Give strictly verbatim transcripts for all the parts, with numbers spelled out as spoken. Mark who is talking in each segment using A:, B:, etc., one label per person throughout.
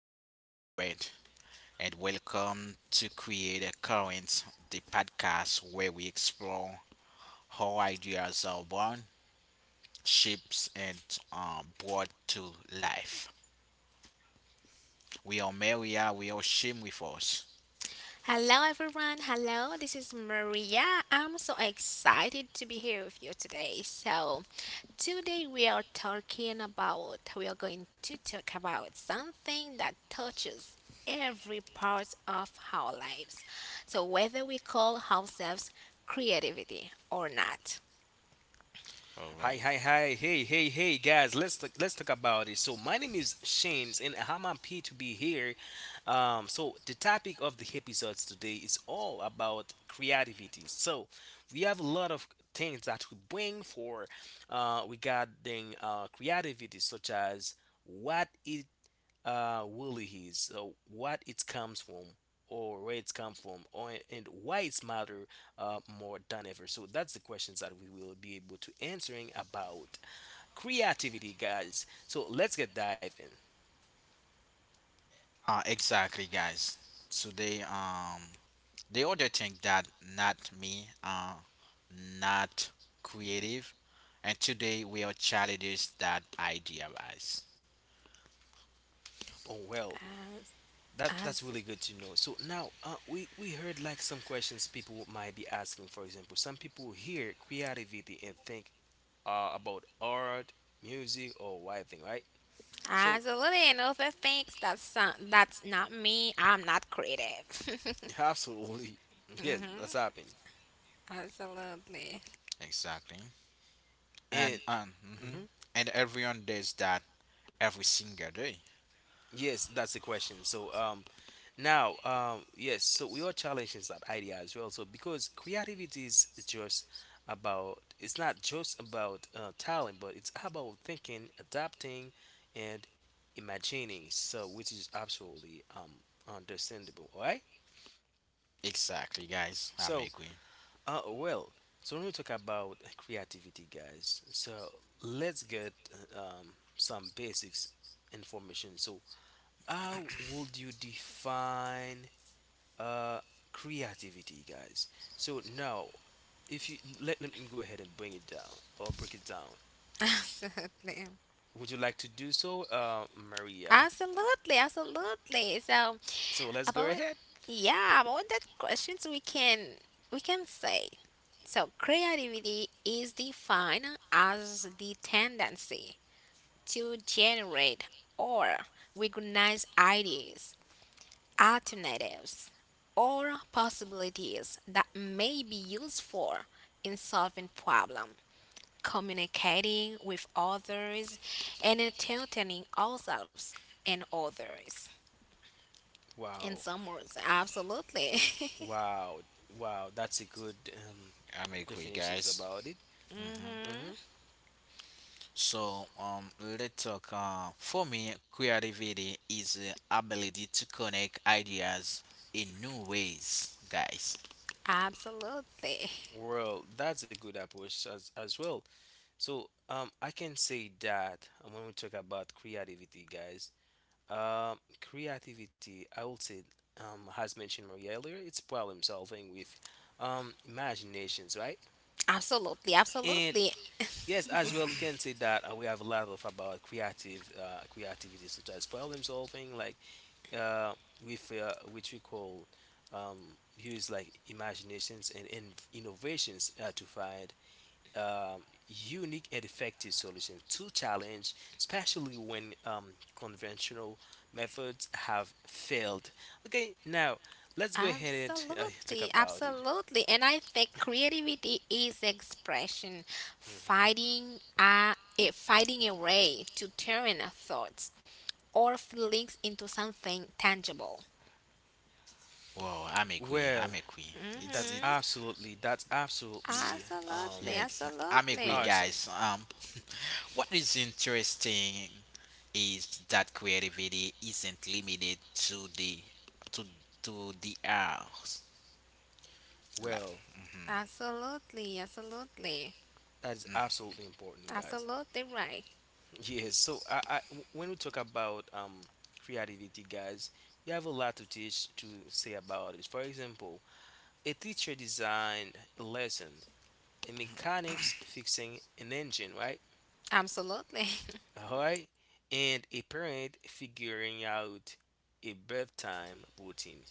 A: is Warren and welcome to Create a Current, the podcast where we explore how ideas are born, shaped and um, brought to life. We are Maria, we are Shim with us.
B: Hello, everyone. Hello, this is Maria. I'm so excited to be here with you today. So, today we are talking about, we are going to talk about something that touches every part of our lives. So, whether we call ourselves creativity or not.
C: Hi,
A: Alright.
C: hi, hi, hey, hey, hey, guys. Let's talk, let's talk about it. So my name is Shanes, and I'm happy to be here. Um, so the topic of the episodes today is all about creativity. So we have a lot of things that we bring for uh, regarding uh, creativity, such as what it uh, really is. So what it comes from, or where it comes from, or and why it's matter uh, more than ever. So that's the questions that we will be able to answering about creativity, guys. So let's get diving.
A: Uh, exactly guys. Today um the other thing that not me uh not creative and today we are challenges that idea guys.
C: Oh well,
B: As,
C: that that's
B: as,
C: really good to know. So now uh, we we heard like some questions people might be asking. For example, some people hear creativity and think uh, about art, music, or writing, right? So
B: Absolutely, and other things that's, uh, that's not me, I'm not creative.
C: absolutely, yes, that's happened.
B: Absolutely.
A: Exactly.
C: And
A: and um, hmm
C: mhm,
A: and everyone does that every single day.
C: yes, that's the question. So um, now um, yes, so we are challenging that idea as well. So because creativity is just about it's not just about uh, talent, but it's about thinking, adapting, and imagining. So which is absolutely um understandable, all right?
A: Exactly, guys. I'm
C: So
A: agree.
C: Uh, well, so when we talk about creativity, guys, so let's get uh, um, some basics information. So, how would you define uh, creativity, guys? So now, if you let, let me go ahead and bring it down or break it down.
B: Absolutely.
C: Would you like to do so, uh, Maria?
B: Absolutely. Absolutely. So
C: So let's go
B: about
C: ahead.
B: Yeah, about that questions we can we can say. So creativity is defined as the tendency to generate or recognize ideas, alternatives, or possibilities that may be useful in solving problems, communicating with others, and entertaining ourselves and others. In
C: Wow.
B: some words, absolutely.
C: Wow. Wow. That's a good um,
A: I'm agree,
C: definitions
A: guys.
C: about it.
A: hmm
B: Hmm.
C: Hmm.
A: So, um, let's talk. Uh, for me, creativity is the ability to connect ideas in new ways, guys.
B: Absolutely.
C: Well, that's a good approach as, as well. So um, I can say that um, when we talk about creativity, guys, um, creativity, I would say, um, has mentioned Maria earlier, it's problem solving with um, imaginations, right?
B: Absolutely.
C: And
B: Absolutely.
C: yes, as well, we can say that uh, we have a lot of about creative uh, creativity, such as problem solving, like uh, with uh, which we call um, use like imaginations and, and innovations uh, to find um, unique and effective solutions to challenge, especially when um, conventional methods have failed. Okay, now let's go ahead and uh, talk
B: Absolutely.
C: about it.
B: Absolutely. And I think creativity is expression,
C: Mhm.
B: fighting a, a fighting a way to turn our thoughts or feelings into something tangible.
A: Wow, I'm agree. I'm
C: Well,
A: agree. It's
C: that's
A: it.
B: Hmm.
C: absolutely that's absolutely
B: Absolutely.
A: Yeah,
C: um
A: exa- I'm agree,
B: Absolutely.
C: awesome.
A: guys. Um, What is interesting is that creativity isn't limited to the to to the arts. Like,
C: Well,
A: mhm,
B: Absolutely, absolutely,
C: that is absolutely important, guys.
B: absolutely right.
C: Yes, so I, I w- when we talk about um creativity, guys, we have a lot to teach to say about it. For example, a teacher designed a lesson, a mechanics fixing an engine, right?
B: Absolutely,
C: All right, and a parent figuring out a bedtime routine.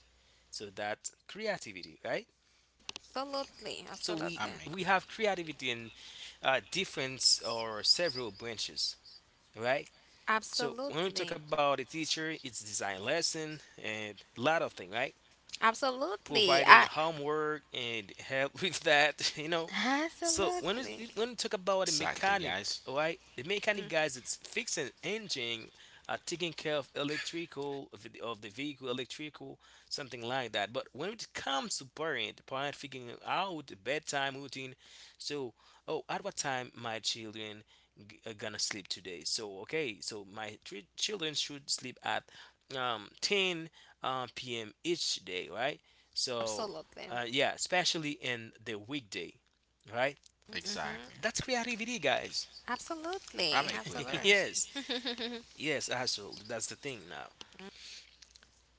C: So that's creativity, right?
B: absolutely,
C: So we
A: I'm
B: absolutely,
A: agree.
C: we have creativity in uh, different or several branches, right? So when we talk
B: absolutely,
C: about a teacher, it's design lesson and a lot of things, right?
B: absolutely,
C: Providing
B: I,
C: homework and help with that, you know. So when it's,
B: absolutely,
C: when you talk about the
A: Exactly,
C: mechanic,
A: guys.
C: right? The mechanic guys, it's fixing engine, uh, taking care of electrical of the of the vehicle, electrical, something like that. But when it comes to parent, parent figuring out the bedtime routine. So, oh, at what time my children g- are gonna sleep today? So okay, so my three children should sleep at um ten um, p m each day, right? So
B: absolutely,
C: uh, yeah, especially in the weekday right?
A: Exactly.
B: hmm,
C: That's creativity, guys.
A: I'm
B: absolutely,
A: agree,
B: absolutely.
A: guys.
C: Yes, yes, absolutely. That's the thing now.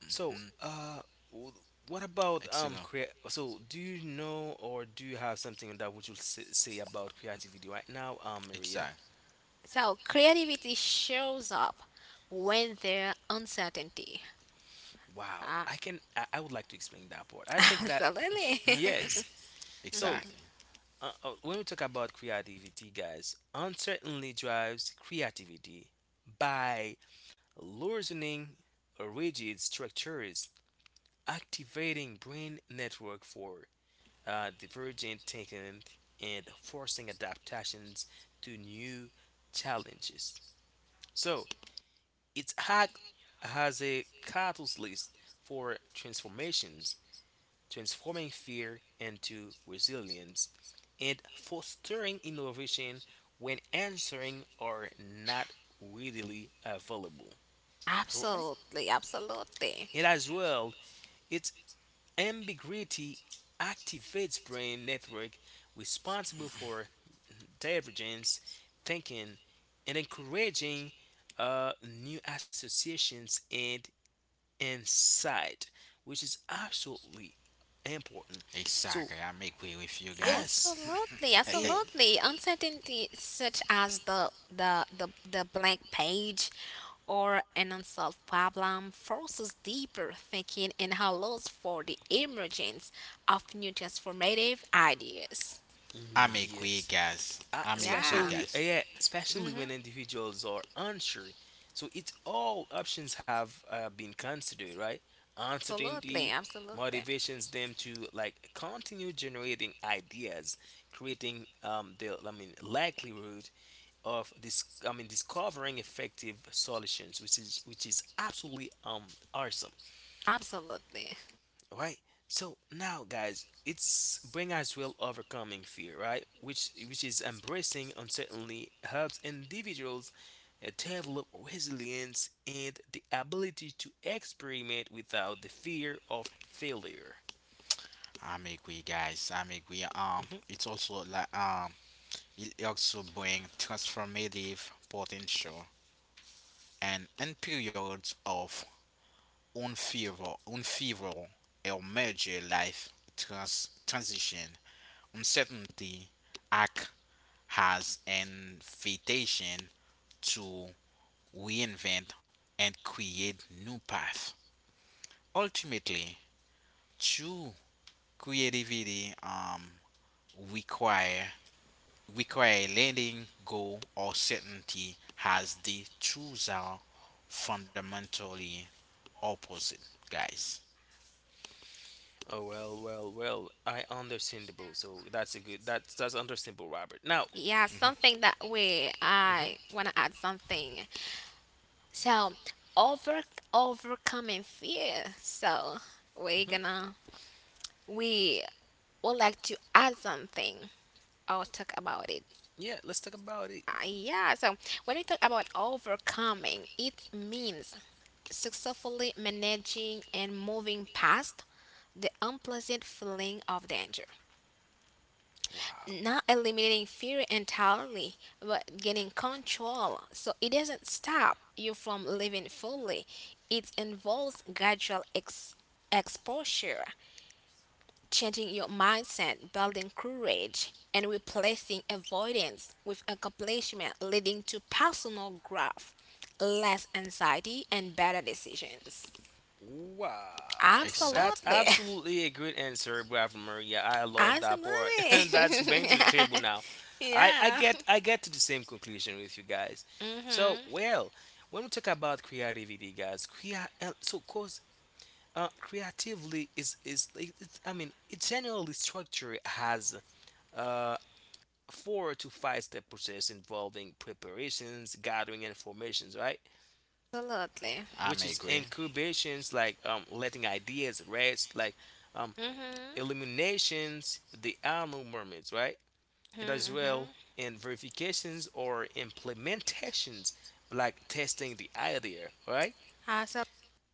C: So,
A: Hmm.
C: uh, w- what about
A: Exactly.
C: um, crea- so do you know or do you have something that would you say, say about creativity right now, um, Maria?
A: Exactly.
B: So creativity shows up when there's uncertainty.
C: Wow,
B: Uh,
C: I can. I, I would like to explain that part. I think that
B: absolutely,
C: yes. So, uh, uh, when we talk about creativity, guys, uncertainty drives creativity by loosening rigid structures activating brain network for uh, divergent thinking and forcing adaptations to new challenges. So its act has a catalyst for transformations, transforming fear into resilience and fostering innovation when answers are not readily available. All right.
B: absolutely, absolutely.
C: And as well, it Ambiguity activates brain network responsible for divergence thinking and encouraging uh, new associations and insight, which is absolutely important. So
A: Exactly. I'm agree with you guys.
C: yes,
B: Absolutely,
C: and
B: absolutely. Uncertainty such as the the the, the blank page or an unsolved problem forces deeper thinking and allows for the emergence of new transformative ideas.
C: mm,
A: I'm agree,
C: yes,
A: guys.
C: uh,
A: I'm agree,
B: Yeah,
C: especially
A: guys.
C: yeah, especially when individuals are unsure. So it's all options have uh, been considered, right?
B: absolutely,
C: Uncertainty
B: absolutely,
C: motivations them to like continue generating ideas, creating um the I mean likelihood of this I mean discovering effective solutions, which is which is absolutely um awesome,
B: absolutely.
C: right? So now guys it's bring us real overcoming fear, right, which which is embracing uncertainty helps individuals uh, develop resilience and the ability to experiment without the fear of failure.
A: I'm agree, guys. I'm agree. Um,
C: Mhm.
A: it's also like um, it also bring transformative potential and in periods of unfavorable, unfavorable or major life trans- transition, uncertainty act has an invitation to reinvent and create new path. Ultimately, true creativity um, require require letting go or certainty as the truths are fundamentally opposite, guys.
C: Oh well well well I understandable, so that's a good that's that's understandable, Robert. Now
B: Yeah, something that way
C: mhm,
B: I want to add something. So, over overcoming fear. So, we're
C: mhm,
B: gonna we would like to add something or talk about it.
C: yeah, let's talk about it.
B: Uh, yeah, so when we talk about overcoming, it means successfully managing and moving past the unpleasant feeling of danger,
C: Wow.
B: not eliminating fear entirely, but getting control. So it doesn't stop you from living fully. It involves gradual ex- exposure, changing your mindset, building courage, and replacing avoidance with accomplishment, leading to personal growth, less anxiety, and better decisions.
C: Wow, that's
A: Exactly.
B: Absolutely.
C: absolutely a great answer, Bravo Maria. I love that part.
B: Absolutely.
C: That's bang to the table now. I, I
B: Yeah.
C: get I get to the same conclusion with you guys. So
B: Mm-hmm.
C: well, when we talk about creativity, guys, crea- uh, so cause uh, creatively is is it- it's, I mean it generally structure has uh four to five step process involving preparations, gathering informations, right?
B: Absolutely.
A: I'm
C: Which is
A: agree.
C: incubations like um, letting ideas rest, like um,
B: Mhm.
C: illuminations, the Anu moments, right? And as
B: Mhm.
C: well,
B: Mhm.
C: and verifications or implementations, like testing the idea, right?
B: Awesome.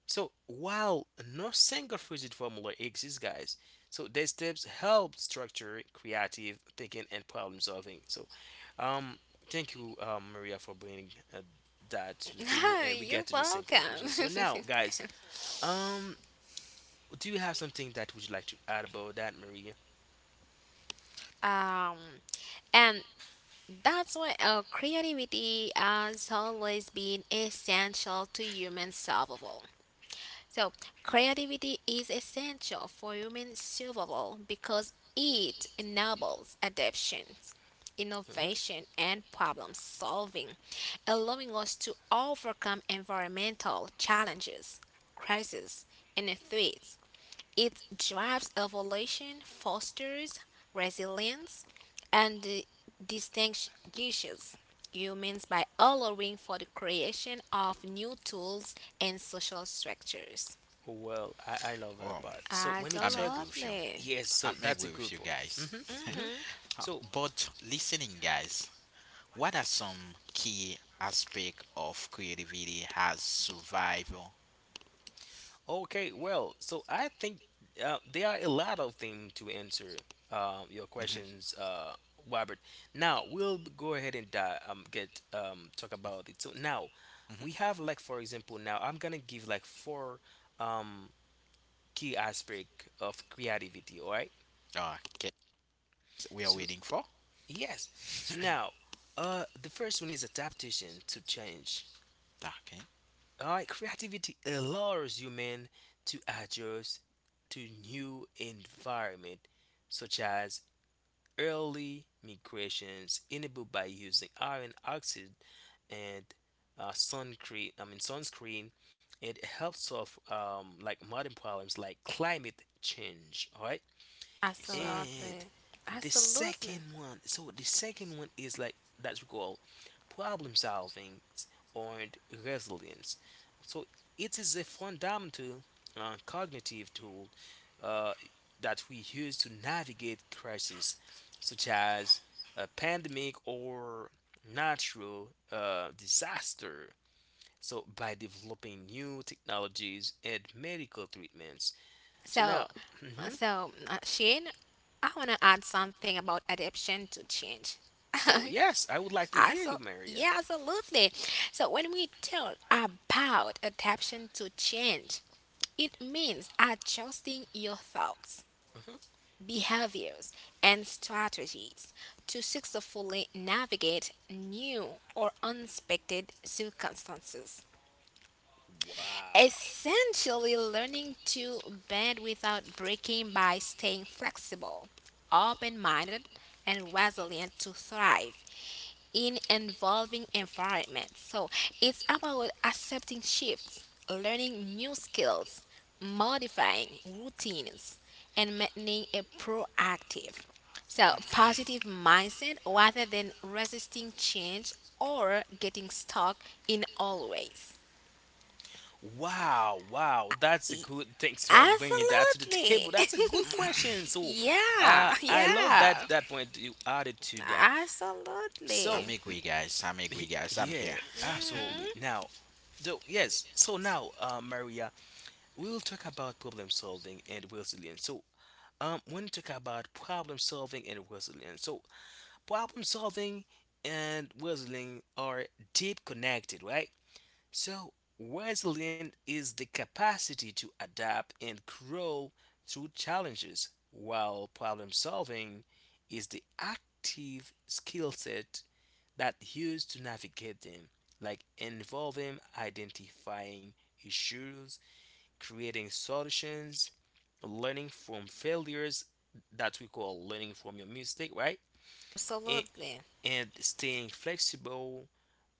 C: So while no single rigid formula exists, guys, so these steps help structure creative thinking and problem solving. So, um, thank you, um, Maria, for bringing uh, that to the table,
B: No,
C: and we
B: you're
C: get to the same
B: welcome.
C: conclusion. So now, guys, um, do you have something that would you like to add about that, Maria?
B: um, and that's why uh, creativity has always been essential to human survival. So, creativity is essential for human survival because it enables adaptation,
C: Hmm.
B: innovation, and problem solving, allowing us to overcome environmental challenges, crises, and threats. It drives evolution, fosters resilience, and uh, distinguishes humans by allowing for the creation of new tools and social structures.
C: Well, I, I love that
A: Well,
C: part. So when you
A: I'm agree
C: talk,
A: with you.
B: Absolutely.
C: yes, so
A: I'm
C: that's a
A: agree
C: good
A: with you
C: part.
A: guys.
C: Hmm. Hmm.
A: Uh,
C: So
A: But listening, guys, what are some key aspect of creativity as survival?
C: okay, well, so I think uh, there are a lot of things to answer um, your
A: Mm-hmm.
C: questions, uh, Robert. Now we'll b- go ahead and uh, um get um talk about it. So now we
A: Mm-hmm.
C: have like for example, now I'm gonna give like four um key aspect of creativity. All right.
A: Ah, okay. We
C: So
A: are waiting for.
C: yes. So now, uh, the first one is adaptation to change.
A: Okay.
C: All right. Creativity allows human to adjust to new environment, such as early migrations enabled by using iron oxide and uh, sunscreen. I mean sunscreen. It helps solve um, like modern problems like climate change. All right. And
A: Exactly.
B: Absolutely.
C: the
B: Absolutely.
C: second one, so the second one is like that's called problem solving or resilience, so it is a fundamental uh, cognitive tool uh, that we use to navigate crises such as a pandemic or natural uh, disaster, so by developing new technologies and medical treatments. So
B: So,
C: now mhm,
B: so uh, Shane, I want to add something about adaptation to change.
C: so yes, I would like to hear
B: Also,
C: you, Maria.
B: yeah, absolutely. So when we talk about adaptation to change, it means adjusting your thoughts,
C: Mhm.
B: behaviors, and strategies to successfully navigate new or unexpected circumstances.
C: Wow.
B: Essentially, learning to bend without breaking by staying flexible, open minded, and resilient to thrive in evolving environments. So, it's about accepting shifts, learning new skills, modifying routines, and maintaining a proactive, so positive mindset rather than resisting change or getting stuck in always.
C: Wow, wow, that's a good. Thanks for bringing that to the
B: Absolutely.
C: table. That's a good question. So, uh,
B: Yeah,
C: I love that
B: yeah.
C: that point you added to that. So,
B: Absolutely.
A: I'm agree, guys. I'm
C: he,
A: agree, guys. I'm
C: yeah,
A: here.
C: absolutely.
B: Hmm.
C: Now, so yes, so now, uh, Maria, we'll talk about problem solving and resilience. So, um, when you talk about problem solving and resilience, so problem solving and resilience are deep connected, right? So, resilience is the capacity to adapt and grow through challenges, while problem solving is the active skill set that used to navigate them, like involving identifying issues, creating solutions, learning from failures that we call learning from your mistake, right? And
B: Absolutely.
C: and staying flexible,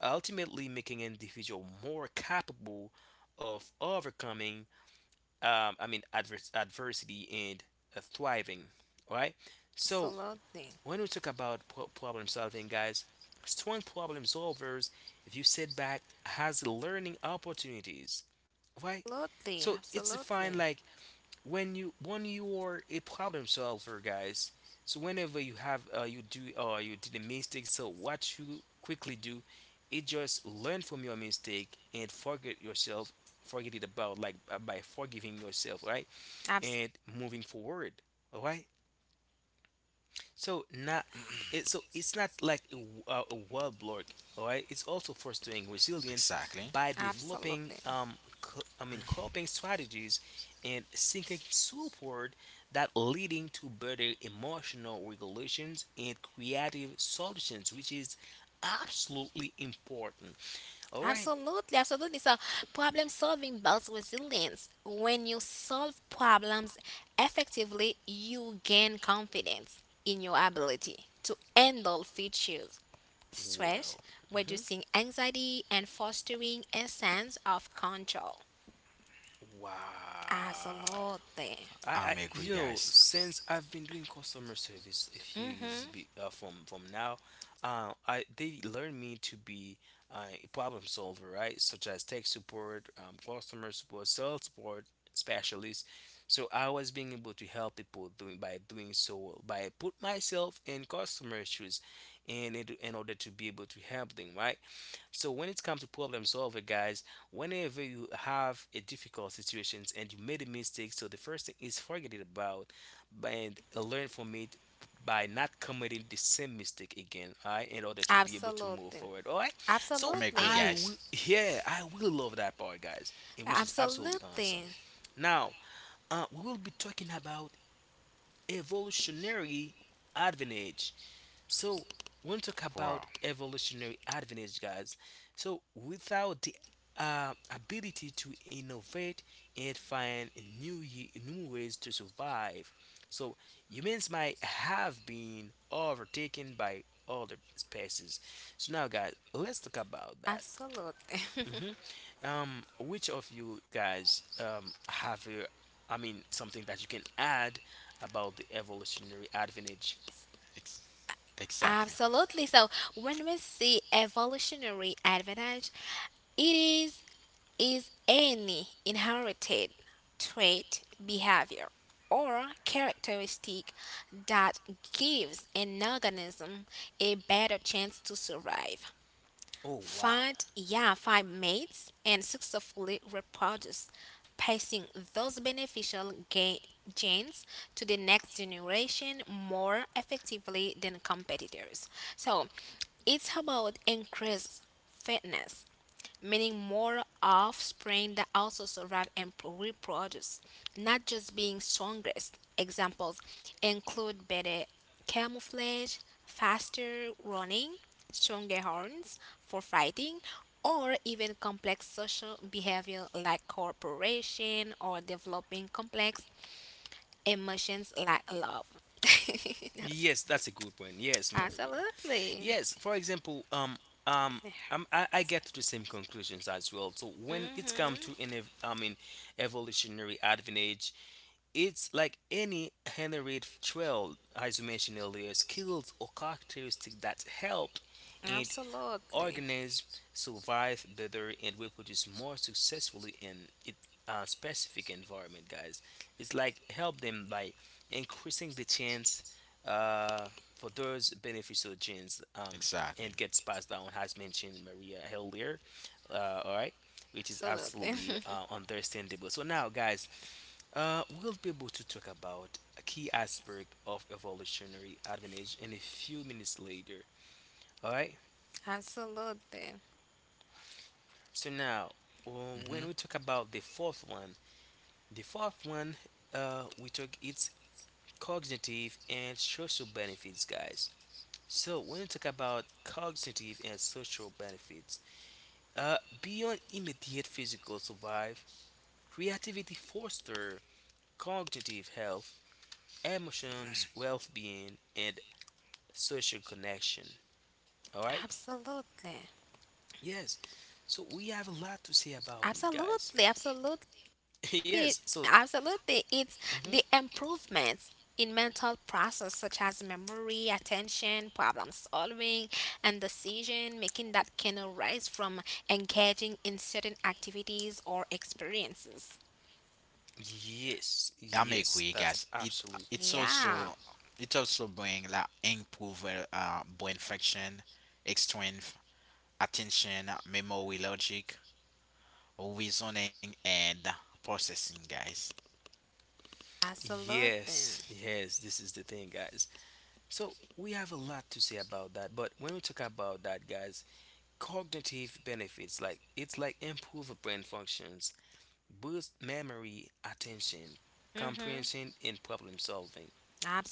C: ultimately making an individual more capable of overcoming, um, I mean, advers- adversity and uh, thriving, right? So,
B: Absolutely.
C: when we talk about pro- problem solving, guys, strong problem solvers view setback as learning opportunities, right?
B: Absolutely.
C: So, it's defined
B: Absolutely.
C: like when you when you are a problem solver guys, so whenever you have uh, you do uh, you did a mistake, so what you quickly do is just learn from your mistake and forget yourself forget it about like uh, by forgiving yourself, right,
B: Abs-
C: and moving forward, all right, so not it, so it's not like a, w- uh, a wall block, all right? It's also fostering resilience
A: Exactly.
C: by
A: Mm-hmm.
C: developing
B: absolutely.
C: um co- I mean coping strategies and seeking support that leading to better emotional regulations and creative solutions, which is absolutely important. All right.
B: Absolutely, absolutely. So, problem solving builds resilience. When you solve problems effectively, you gain confidence in your ability to handle features, stress,
C: Well, mhm,
B: reducing anxiety, and fostering a sense of control.
C: wow.
B: Absolutely.
C: I, I
A: I'm
C: you
A: agree,
C: know
A: guys.
C: since I've been doing customer service a few years
B: Mm-hmm.
C: be, uh, from from now, uh, I they learned me to be uh, a problem solver, right? Such as tech support, um, customer support, sales support specialist. So I was being able to help people doing by doing so by put myself in customer shoes, and in, in order to be able to help them, right? So when it comes to problem solving, guys, whenever you have a difficult situations and you made a mistake, so the first thing is forget it about and learn from it by not committing the same mistake again, all right, in order to be able to move
B: Absolutely.
C: forward. All right. So
A: I'm
B: Absolutely.
A: agree,
C: I will
A: guys.
C: yeah, I will love that part, guys, and which is absolutely awesome.
B: Absolutely.
C: Now, uh, we will be talking about evolutionary advantage. So when we talk about
A: Wow.
C: evolutionary advantage, guys, so without the uh, ability to innovate and find new ye- new ways to survive, so humans might have been overtaken by other species. So now, guys, let's talk about that.
B: Absolutely.
C: Hmm. Um, which of you guys um have a, I mean, something that you can add about the evolutionary advantage?
A: Ex- exactly.
B: Absolutely. So when we see evolutionary advantage, it is is any inherited trait, behavior, or characteristic that gives an organism a better chance to survive,
C: Oh, wow.
B: find, yeah, find mates, and successfully reproduce, passing those beneficial ga- genes to the next generation more effectively than competitors. So, it's about increased fitness, meaning more offspring that also survive and pro- reproduce, not just being strongest. Examples include better camouflage, faster running, stronger horns for fighting, or even complex social behavior like cooperation or developing complex emotions like love.
C: Yes, that's a good point. Yes, Maria.
B: Absolutely.
C: Yes, for example, um, um, I'm, I, I get to the same conclusions as well. So when it's
B: Hmm.
C: come to an, ev- I mean, evolutionary advantage, it's like any inherent trail, as you mentioned earlier, skills or characteristic that helped in
B: Absolutely.
C: organisms survive better and reproduce more successfully in it uh, specific environment, guys. It's like help them by increasing the chance uh, for those beneficial genes, um, and
A: Exactly.
C: gets passed down, as mentioned, Maria, earlier. Uh, all right, which is
B: Absolutely.
C: absolutely uh, understandable. So now, guys, uh, we'll be able to talk about a key aspect of evolutionary advantage in a few minutes later. All right.
B: Absolutely.
C: So now, uh, when we talk
A: Mhm.
C: about the fourth one, the fourth one, uh, we talk its cognitive and social benefits, guys. So when we talk about cognitive and social benefits, uh, beyond immediate physical survive, creativity foster cognitive health, emotions, well-being, and social connection. All right?
B: Absolutely.
C: Yes. So we have a lot to say about it, guys.
B: Absolutely. Absolutely.
C: Yes.
B: It,
C: So.
B: absolutely. It's
C: Mhm.
B: the improvements in mental process such as memory, attention, problem solving, and decision making that can arise from engaging in certain activities or experiences.
C: Yes,
A: I'm
C: yes,
A: agree,
C: that's
A: guys. It
C: absolutely.
A: it's
B: Yeah.
A: also it also bring like improve uh, uh, brain function, strength, attention, memory, logic, reasoning, and processing, guys.
C: Yes,
B: Absolutely.
C: yes, this is the thing, guys. So, we have a lot to say about that, but when we talk about that, guys, cognitive benefits like it's like improve brain functions, boost memory, attention,
B: Mhm.
C: comprehension, and problem solving.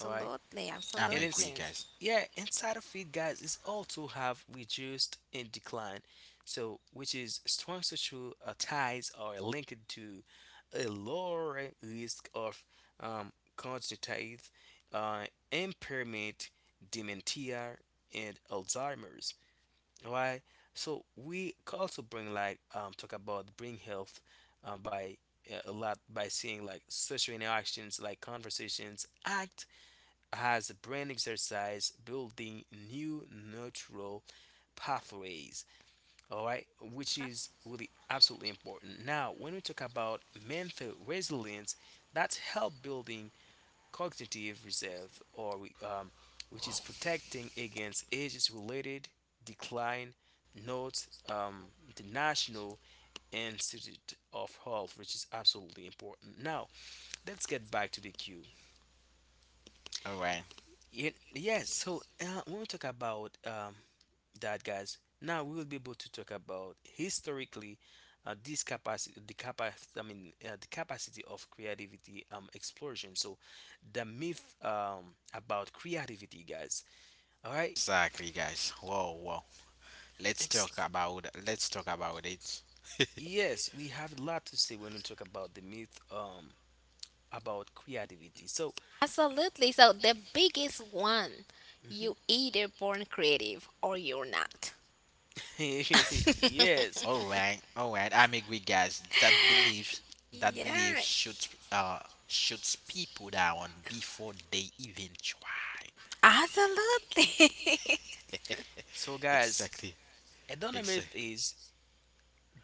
C: All right,
A: I'm
C: and it's,
A: agree,
B: Absolutely.
A: guys.
C: yeah, inside of it, guys, is also have reduced and decline. So which is strong social uh, ties are linked to a lower risk of um, cognitive uh, impairment, dementia, and Alzheimer's. Why? So we could also bring like um, talk about brain health uh, by uh, a lot by seeing like social interactions like conversations act as a brain exercise, building new neural pathways. All right, which is really absolutely important. Now, when we talk about mental resilience, that's help building cognitive reserve, or we, um, which is protecting against age related decline. Note, um, the National Institute of Health, which is absolutely important. Now let's get back to the queue.
A: All right,
C: Ye- yes. So uh, when we talk about, um, that, guys, now we will be able to talk about, historically, uh, this capacity, the capacity, I mean, uh, the capacity of creativity, um, explosion. So the myth, um, about creativity, guys. All right.
A: exactly, guys. Whoa, whoa. Let's
C: Ex-
A: talk about let's talk about it.
C: yes, we have a lot to say when we talk about the myth, um, about creativity. So.
B: Absolutely. So the biggest one,
C: Mhm.
B: you either born creative or you're not.
C: Yes.
A: All right, all right. I'm agree, guys. That belief that
B: Yeah.
A: belief shoots uh shoots people down before they even try.
B: Absolutely.
C: So, guys,
A: Exactly.
C: another
A: Exa-
C: myth is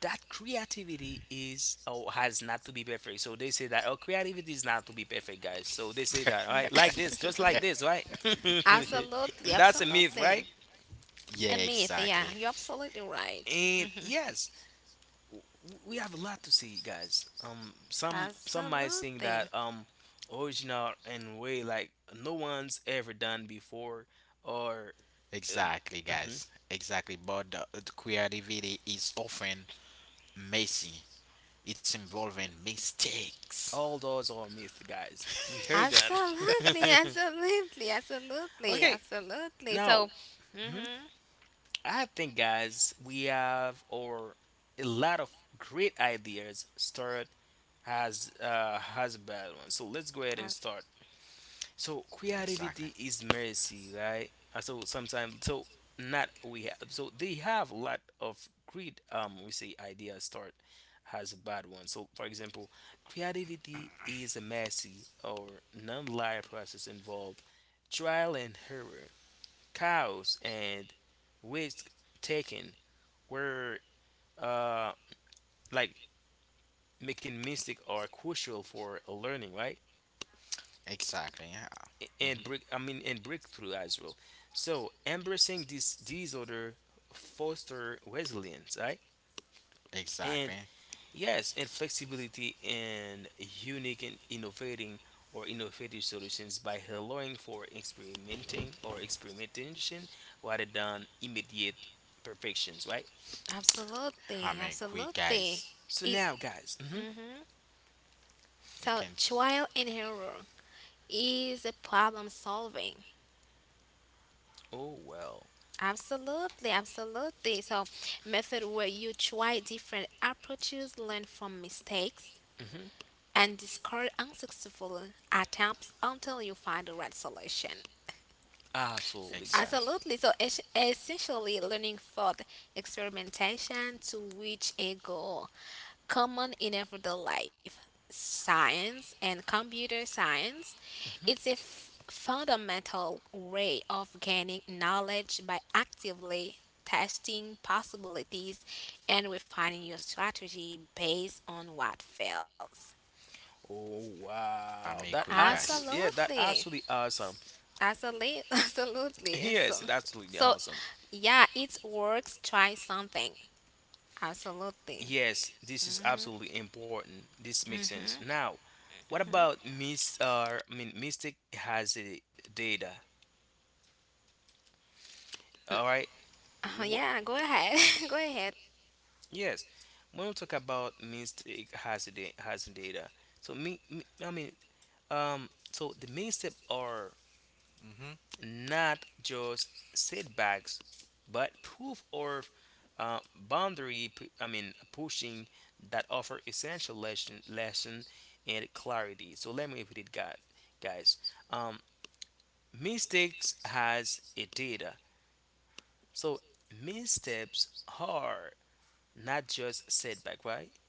C: that creativity is or has not to be perfect. So they say that, oh, creativity is not to be perfect, guys. So they say that, all right, like this, just like this, right?
B: Absolutely.
C: That's a myth,
B: Absolutely.
C: right?
A: yeah,
B: A myth.
A: exactly.
B: Yeah. You're absolutely right.
C: And
B: Hmm.
C: yes, w- we have a lot to say, guys. Um, some some might think
B: Absolutely.
C: that um original and way like no one's ever done before, or uh,
A: Exactly,
C: mhm.
A: guys. Exactly. But the, the creativity is often messy, it's involving mistakes.
C: All those are myths, guys. We heard that.
B: Absolutely. Absolutely. Absolutely.
C: Okay,
B: Absolutely.
C: now.
B: So,
C: Mm-hmm.
B: hmm
C: I think, guys, we have or a lot of great ideas start as uh has bad one. So let's go ahead and start. So
A: Exactly.
C: creativity is mercy, right? Uh, So sometimes, so not we have. So they have a lot of great, um we say, ideas start has a bad one. So for example, creativity is a messy or non-linear process involved trial and error, cows, and risk taking, were uh like making mistake are crucial for learning, right?
A: Exactly. Yeah.
C: and
A: hmm
C: break I mean, and breakthrough as well. So embracing this disorder foster resilience, right? And
A: Exactly.
C: yes, and flexibility, and unique, and innovating, or innovative solutions by allowing for experimenting, or experimentation, rather than immediate perfections, right?
A: I
B: absolutely.
A: mean, quick,
B: Absolutely.
A: guys.
C: So
B: Is
C: now, guys, mhm,
B: hmm
A: You
B: So
A: can.
B: trial and error is a problem solving.
C: Oh, well.
B: Absolutely, absolutely. So, method where you try different approaches, learn from mistakes,
C: Hmm.
B: and discard unsuccessful attempts until you find the right solution.
C: Absolutely, guys.
A: Exactly.
B: Absolutely. So, es- essentially, learning thought experimentation to reach a goal, common in everyday life, science and computer science. It's a f- fundamental way of gaining knowledge by actively testing possibilities and refining your strategy based on what fails.
C: Oh,
A: I
C: wow,
A: mean,
C: that
A: quick, guys.
C: absolutely, yeah, that
B: Absolutely.
C: absolutely awesome.
B: Absolutely. Absolutely. So,
C: Yes, it's absolutely
B: so
C: awesome.
B: yeah, it works. Try something. Absolutely.
C: Yes, this is
B: Mhm.
C: absolutely important. This makes sense. Now, what about Miss? Uh, I mean, Mystic has a data. All right.
B: Uh,
C: Wh-
B: yeah, go ahead. Go ahead.
C: yes, when we talk about Mystic has a da- has a data. So me, me, I mean, um, so the main step are not just setbacks, but proof of uh, boundary, p- I mean, pushing that offer essential lesson, lesson and clarity. So let me repeat it, guy- guys. Um, Mistakes has a data. So missteps are not just setback, right?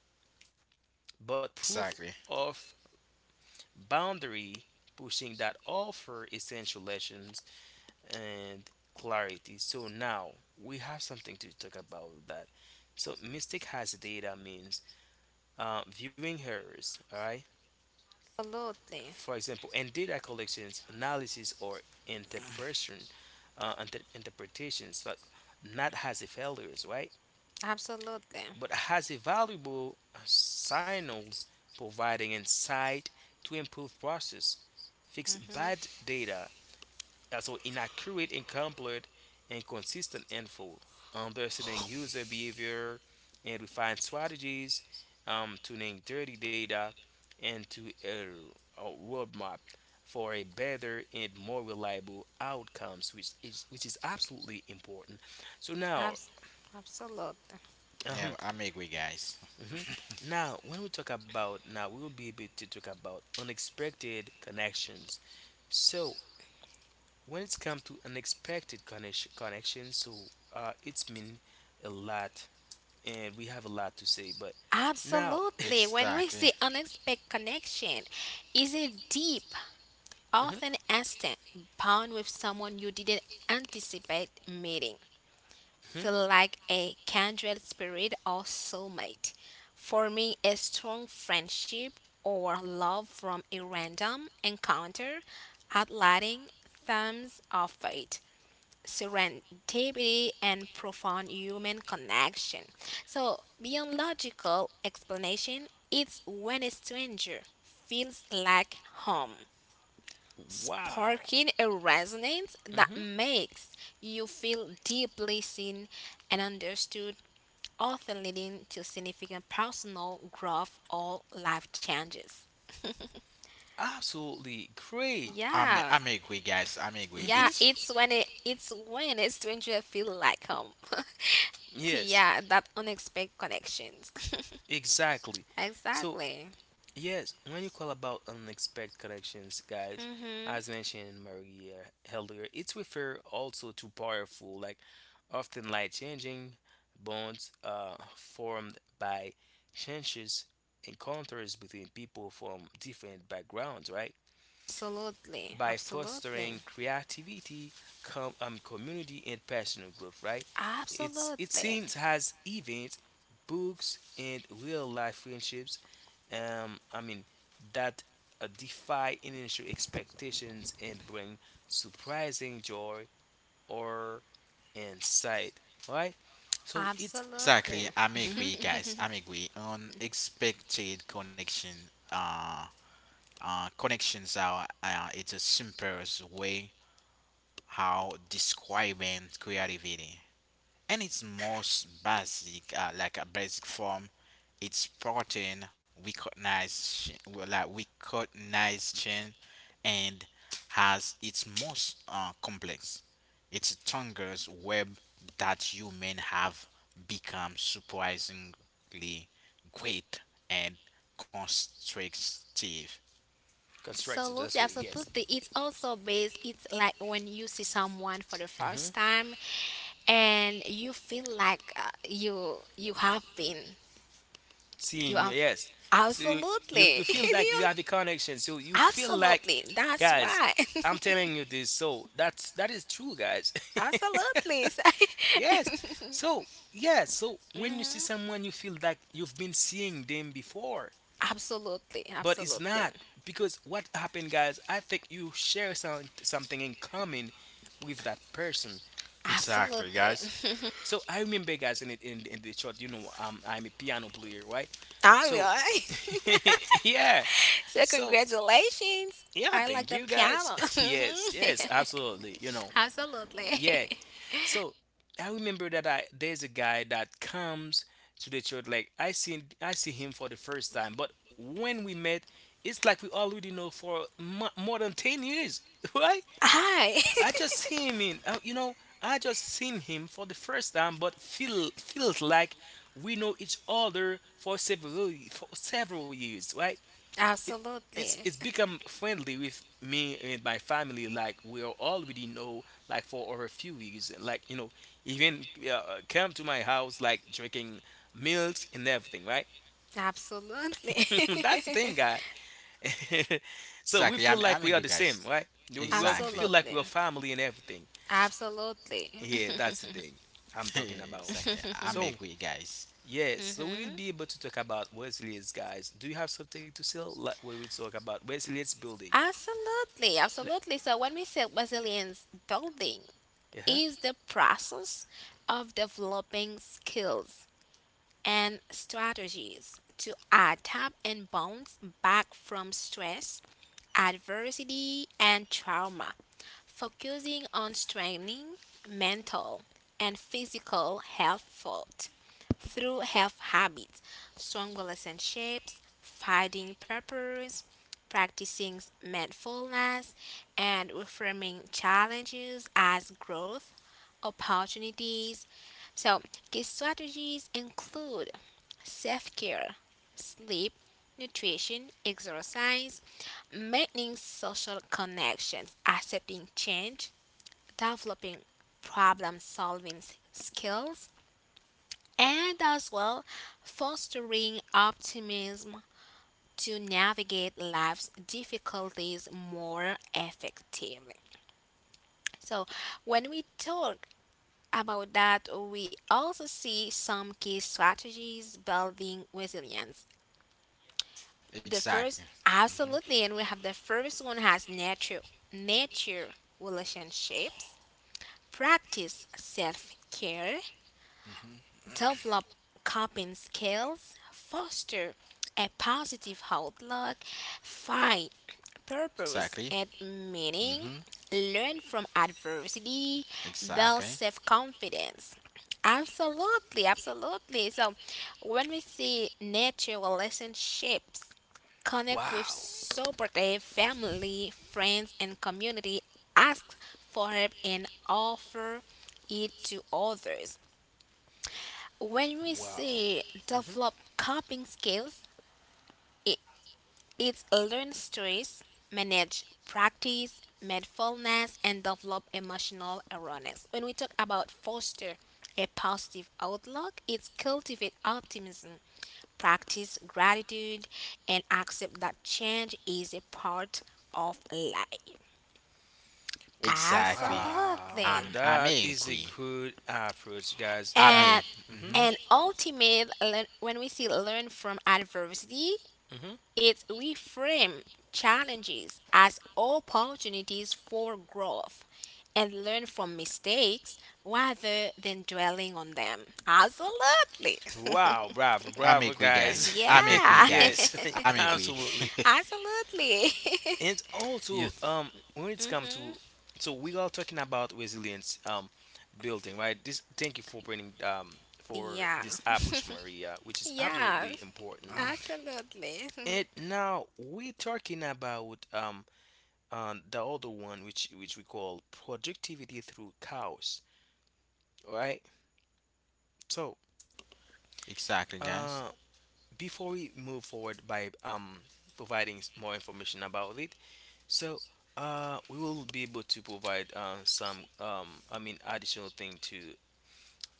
C: But proof
A: Exactly.
C: of boundary pushing that offer essential lessons and clarity. So now we have something to talk about that. So mistake has data means uh, viewing errors, all right?
B: Absolutely.
C: For example, in data collections, analysis, or interpretation, uh, inter- interpretations like not has a failures, right?
B: Absolutely.
C: But has a valuable uh, signals providing insight to improve process, fix
B: Hmm.
C: bad data, also inaccurate, incomplete, inconsistent info, understanding user behavior, and refine strategies, um, tuning dirty data into a, a roadmap for a better and more reliable outcomes, which is which is absolutely important. So now,
B: Abs- absolutely.
A: Yeah,
C: um,
A: I mean, quick, guys.
C: mhm. Now when we talk about, now, we will be able to talk about unexpected connections. So when it's come to unexpected connection, connection, so uh, it's mean a lot, and we have a lot to say. But now,
B: Absolutely. When we
A: Exactly.
B: see unexpected connection, is a deep,
C: mhm,
B: often instant bond with someone you didn't anticipate meeting.
C: mhm.
B: Feel like a kindred spirit or soulmate, forming a strong friendship or love from a random encounter, outlining themes of fate, serendipity, and profound human connection. So, beyond logical explanation, it's when a stranger feels like home,
C: Wow,
B: sparking a resonance that
C: hmm
B: makes you feel deeply seen and understood, often leading to significant personal growth or life changes.
C: absolutely great.
A: I'm a-
B: Yeah.
A: I'm agree, guys. I'm agree.
B: Yeah,
C: Hmm.
A: It's
B: it's when it it's when a stranger feel like home.
C: Yes,
B: Yeah, that unexpected connections.
C: exactly. So
B: Exactly.
C: yes, when you call about unexpected connections, guys,
B: Mhm.
C: as mentioned Maria earlier, it's refer also to powerful, like often life-changing bonds uh, formed by changes encounters between people from different backgrounds, right?
B: Absolutely.
C: By
B: Absolutely.
C: fostering creativity, com- um, community, and personal growth, right? It's it
B: Absolutely.
C: seems has events, books, and real life friendships, um, I mean, that uh, defy initial expectations and bring surprising joy or insight. Right? So it's,
B: Absolutely.
A: exactly I'm
C: mhm,
A: agree, guys. I'm agree. Unexpected connection. Uh, uh, connections are uh, it's a simplest way how describing creativity and its most basic uh, like a basic form it's pattern recognition well, like recognition and has its most uh, complex it's a tongue's web that human have become surprisingly great and constructive
C: constructive.
B: Absolutely,
C: That's all. Yes.
B: absolutely. It's also based, it's like when you see someone for the
C: Hmm.
B: first time and you feel like uh, you you have been, you
C: Seeing.
B: are
C: Yes. So you, you you
B: absolutely,
C: feel
B: do
C: like you
B: you
C: have a connection. So you feel like,
B: absolutely. That's
C: guys,
B: right.
C: I'm telling you this. So that's that is true, guys.
B: Absolutely.
C: Yes. So, yeah, so when you see
B: Mhm.
C: someone, you feel like you've been seeing them before.
B: Absolutely.
C: But it's
B: Absolutely.
C: not because what happened, guys, I think you share some, something in common with that person.
A: exactly
B: Absolutely.
A: guys.
C: So I remember, guys, in it in, in the church, you know um, I'm a piano player, right?
B: All
C: So
B: right.
C: yeah.
B: So
C: So
B: congratulations.
C: yeah,
B: I like
C: thank
B: the
C: you, guys.
B: piano.
C: Yes, yes,
B: Mhm.
C: absolutely, you know.
B: Absolutely.
C: Yeah. So I remember that I there's a guy that comes to the church like I see, I see him for the first time, but when we met, it's like we already know for mo- more than ten years, right?
B: Hi.
C: I just see him in uh, you know I just seen him for the first time, but feel feels like we know each other for several for several years, right? it, it's
B: Absolutely.
C: it's become friendly with me and my family like we are already know like for over a few weeks, and like you know even uh, come to my house like drinking milks and everything, right.
B: Absolutely.
C: That's the thing, guy. So
A: Exactly.
C: we
A: I'm
C: feel
A: I'm
C: like we
A: agree,
C: are the
A: guys.
C: same, right. You- you are- we
A: Exactly.
C: feel like
B: Absolutely.
C: we are family and everything.
B: Absolutely.
C: Yeah, that's the thing I'm talking about.
A: exactly. I'm
C: So
A: agree, guys.
C: yes, so we will
B: Hmm.
C: be able to talk about Wesley's, guys. Do you have something to say, like we will talk about Wesley's building?
B: Absolutely,
C: Le-
B: absolutely. So when we say Wesleyan's building,
C: yeah huh?
B: is the process of developing skills and strategies to adapt and bounce back from stress, adversity, and trauma, focusing on strengthening mental and physical health fault through health habits, strong relationships, finding purpose, practicing mindfulness, and reframing challenges as growth opportunities. So, key strategies include self care, sleep, nutrition, exercise, maintaining social connections, accepting change, developing problem solving s- skills, and as well fostering optimism to navigate life's difficulties more effectively. So, when we talk about that, we also see some key strategies building resilience. The
A: Exactly.
B: first, absolutely, and we have the first one has nature, nature relationships, practice self care,
A: hmm
B: develop coping skills, foster a positive outlook, find purpose
A: Exactly.
B: and meaning,
A: hmm
B: learn from adversity, build
A: Exactly.
B: self confidence. Absolutely, absolutely. So, when we see nature relationships, connect with
C: Wow.
B: supportive family, friends, and community, ask for help, and offer it to others. When we
C: Wow.
B: say
C: Hmm.
B: develop coping skills, it, it's learn stress, manage practice, mindfulness, and develop emotional awareness. When we talk about foster a positive outlook, it's cultivate optimism, practice gratitude, and accept that change is a part of life.
A: Exactly.
C: Wow.
B: Absolutely.
A: I'm I'm
C: That is a
A: agree.
C: good approach, guys. And
A: I'm
C: I.
B: And
C: Hmm.
A: mm-hmm.
B: and ultimate learn, when we see learn from adversity,
C: Hmm.
B: it reframes challenges as opportunities for growth and learn from mistakes rather than dwelling on them. Absolutely.
C: Wow, bravo,
A: I'm
C: bravo,
A: agree,
C: guys.
A: guys. I'm agree,
B: Yeah.
A: guys.
C: Yes,
A: I'm agree.
C: absolutely.
B: Absolutely.
C: And
A: Yeah.
C: also, um, when it's come to, so we are talking about resilience, um, building, right? This, thank you for bringing, um, for
B: Yeah.
C: this approach, Maria, which is
B: Yeah.
C: absolutely important.
B: Absolutely.
C: And now we're talking about, um, and the other one, which which we call productivity through chaos. All right, so
A: Exactly,
C: uh
A: guys.
C: before we move forward by um providing s- more information about it, so uh we will be able to provide um some, um I mean, additional thing to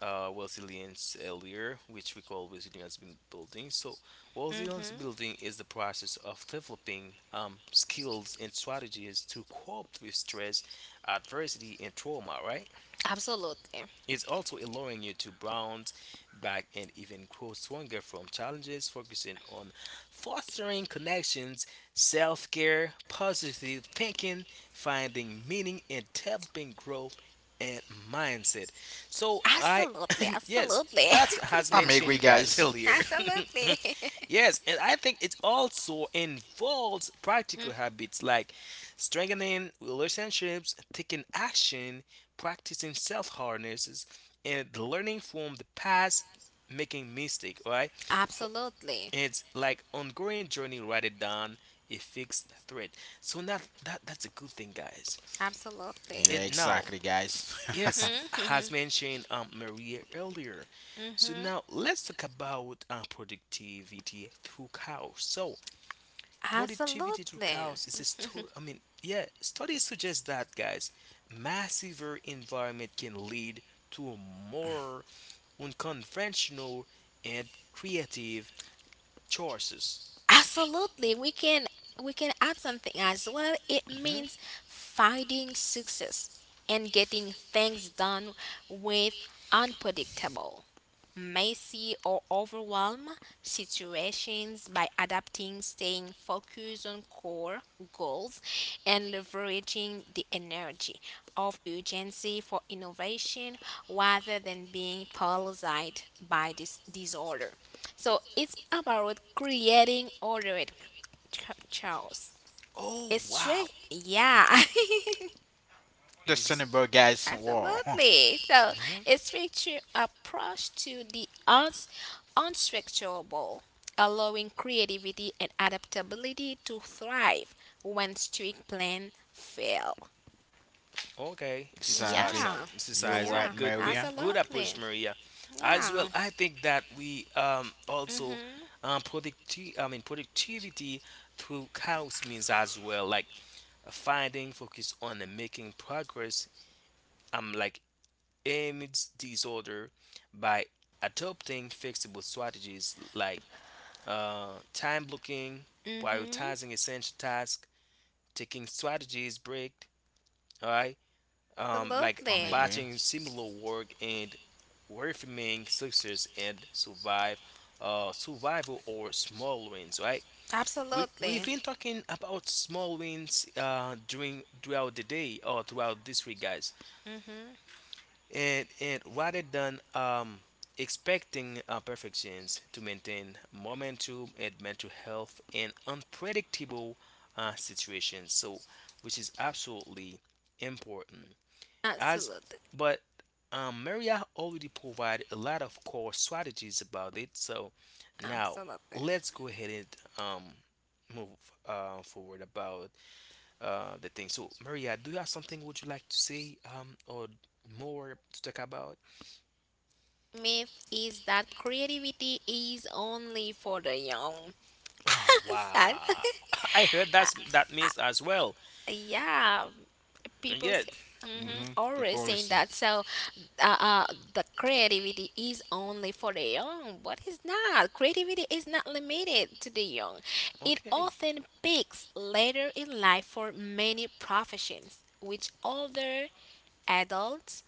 C: uh resilience earlier, which we call resilience buil- building. So resilience
B: Hmm.
C: building is the process of developing um skills and strategies to cope with stress, adversity, and trauma, right?
B: Absolutely.
C: It's also allowing you to bounce back and even grow stronger from challenges, focusing on fostering connections, self care, positive thinking, finding meaning, and developing growth and mindset. So, I,
B: Absolutely.
C: yes,
B: Absolutely.
C: that's has
A: I'm
C: mentioned
A: agree,
C: you guys
A: guys.
C: earlier.
B: Absolutely.
C: Yes, and I think it also involves practical
B: Mm.
C: habits like strengthening relationships, taking action, practicing self harnesses, and learning from the past, making mistake. Right? For,
B: Absolutely.
C: it's like ongoing journey rather than a fixed threat. So not that that's a good thing, guys.
B: Absolutely.
A: Yeah,
C: It now,
A: exactly, guys.
C: yes, has
B: Hmm.
C: mentioned, um, Maria, earlier.
B: Hmm.
C: So now let's talk about uh, productivity through cows. So productivity to
B: Absolutely.
C: chaos is a sto- I mean, yeah, studies suggest that, guys, massiver environment can lead to more unconventional and creative choices.
B: Absolutely. We can we can add something as well. It
C: Hmm.
B: means finding success and getting things done with unpredictable, messy or overwhelmed situations by adapting, staying focused on core goals and leveraging the energy of urgency for innovation rather than being paralyzed by this disorder. So it's about creating ordered ch- chaos.
C: Oh,
B: It's
C: wow.
B: strict,
C: Hmm.
B: yeah.
C: It was just,
A: Understandable, guys. Wow.
B: Absolutely. So
C: hmm,
B: it's structure approach to the uns- unstructurable, allowing creativity and adaptability to thrive when strict plan fail.
C: okay, this is
A: exactly.
C: awesome.
B: Yeah.
C: This is
A: You're
C: awesome.
A: right,
B: Yeah.
C: Good, good,
A: Maria.
C: good
B: Absolutely.
C: approach, Maria. As well,
B: Yeah.
C: I think that we um also
B: Mhm.
C: um producti- I mean productivity through chaos means as well like finding focus on the making progress, um, like amidst disorder by adopting flexible strategies like uh, time blocking,
B: Mhm.
C: prioritizing essential tasks, taking strategies break, all right, um, like
A: I'm
B: Absolutely.
A: agree.
C: batching similar work and reframing success and survive, uh, survival or small wins, right? We we've
B: Absolutely.
C: been talking about small wins uh during throughout the day or throughout this week, guys.
B: Mm-hmm.
C: And and rather than um expecting uh, perfections to maintain momentum and mental health in unpredictable uh, situations, so which is absolutely important. As
B: Absolutely.
C: but um, Maria already provided a lot of core strategies about it. So now
B: Absolutely.
C: let's go ahead and um, move uh, forward about uh, the thing. So Maria, do you have something would you like to say, um, or more to talk about?
B: Myth is that creativity is only for the young.
C: Oh
B: Sad.
C: wow! I heard that's that means as well.
B: Uh, yeah. People
C: Yeah.
B: say,
C: Mm.
B: hmm
A: hmm
B: always
A: People
B: saying
A: listen.
B: that. So, uh, uh, the creativity is only for the young, but it's not. Creativity is not limited to the young. It
C: Okay.
B: often peaks later in life for many professions, which older adults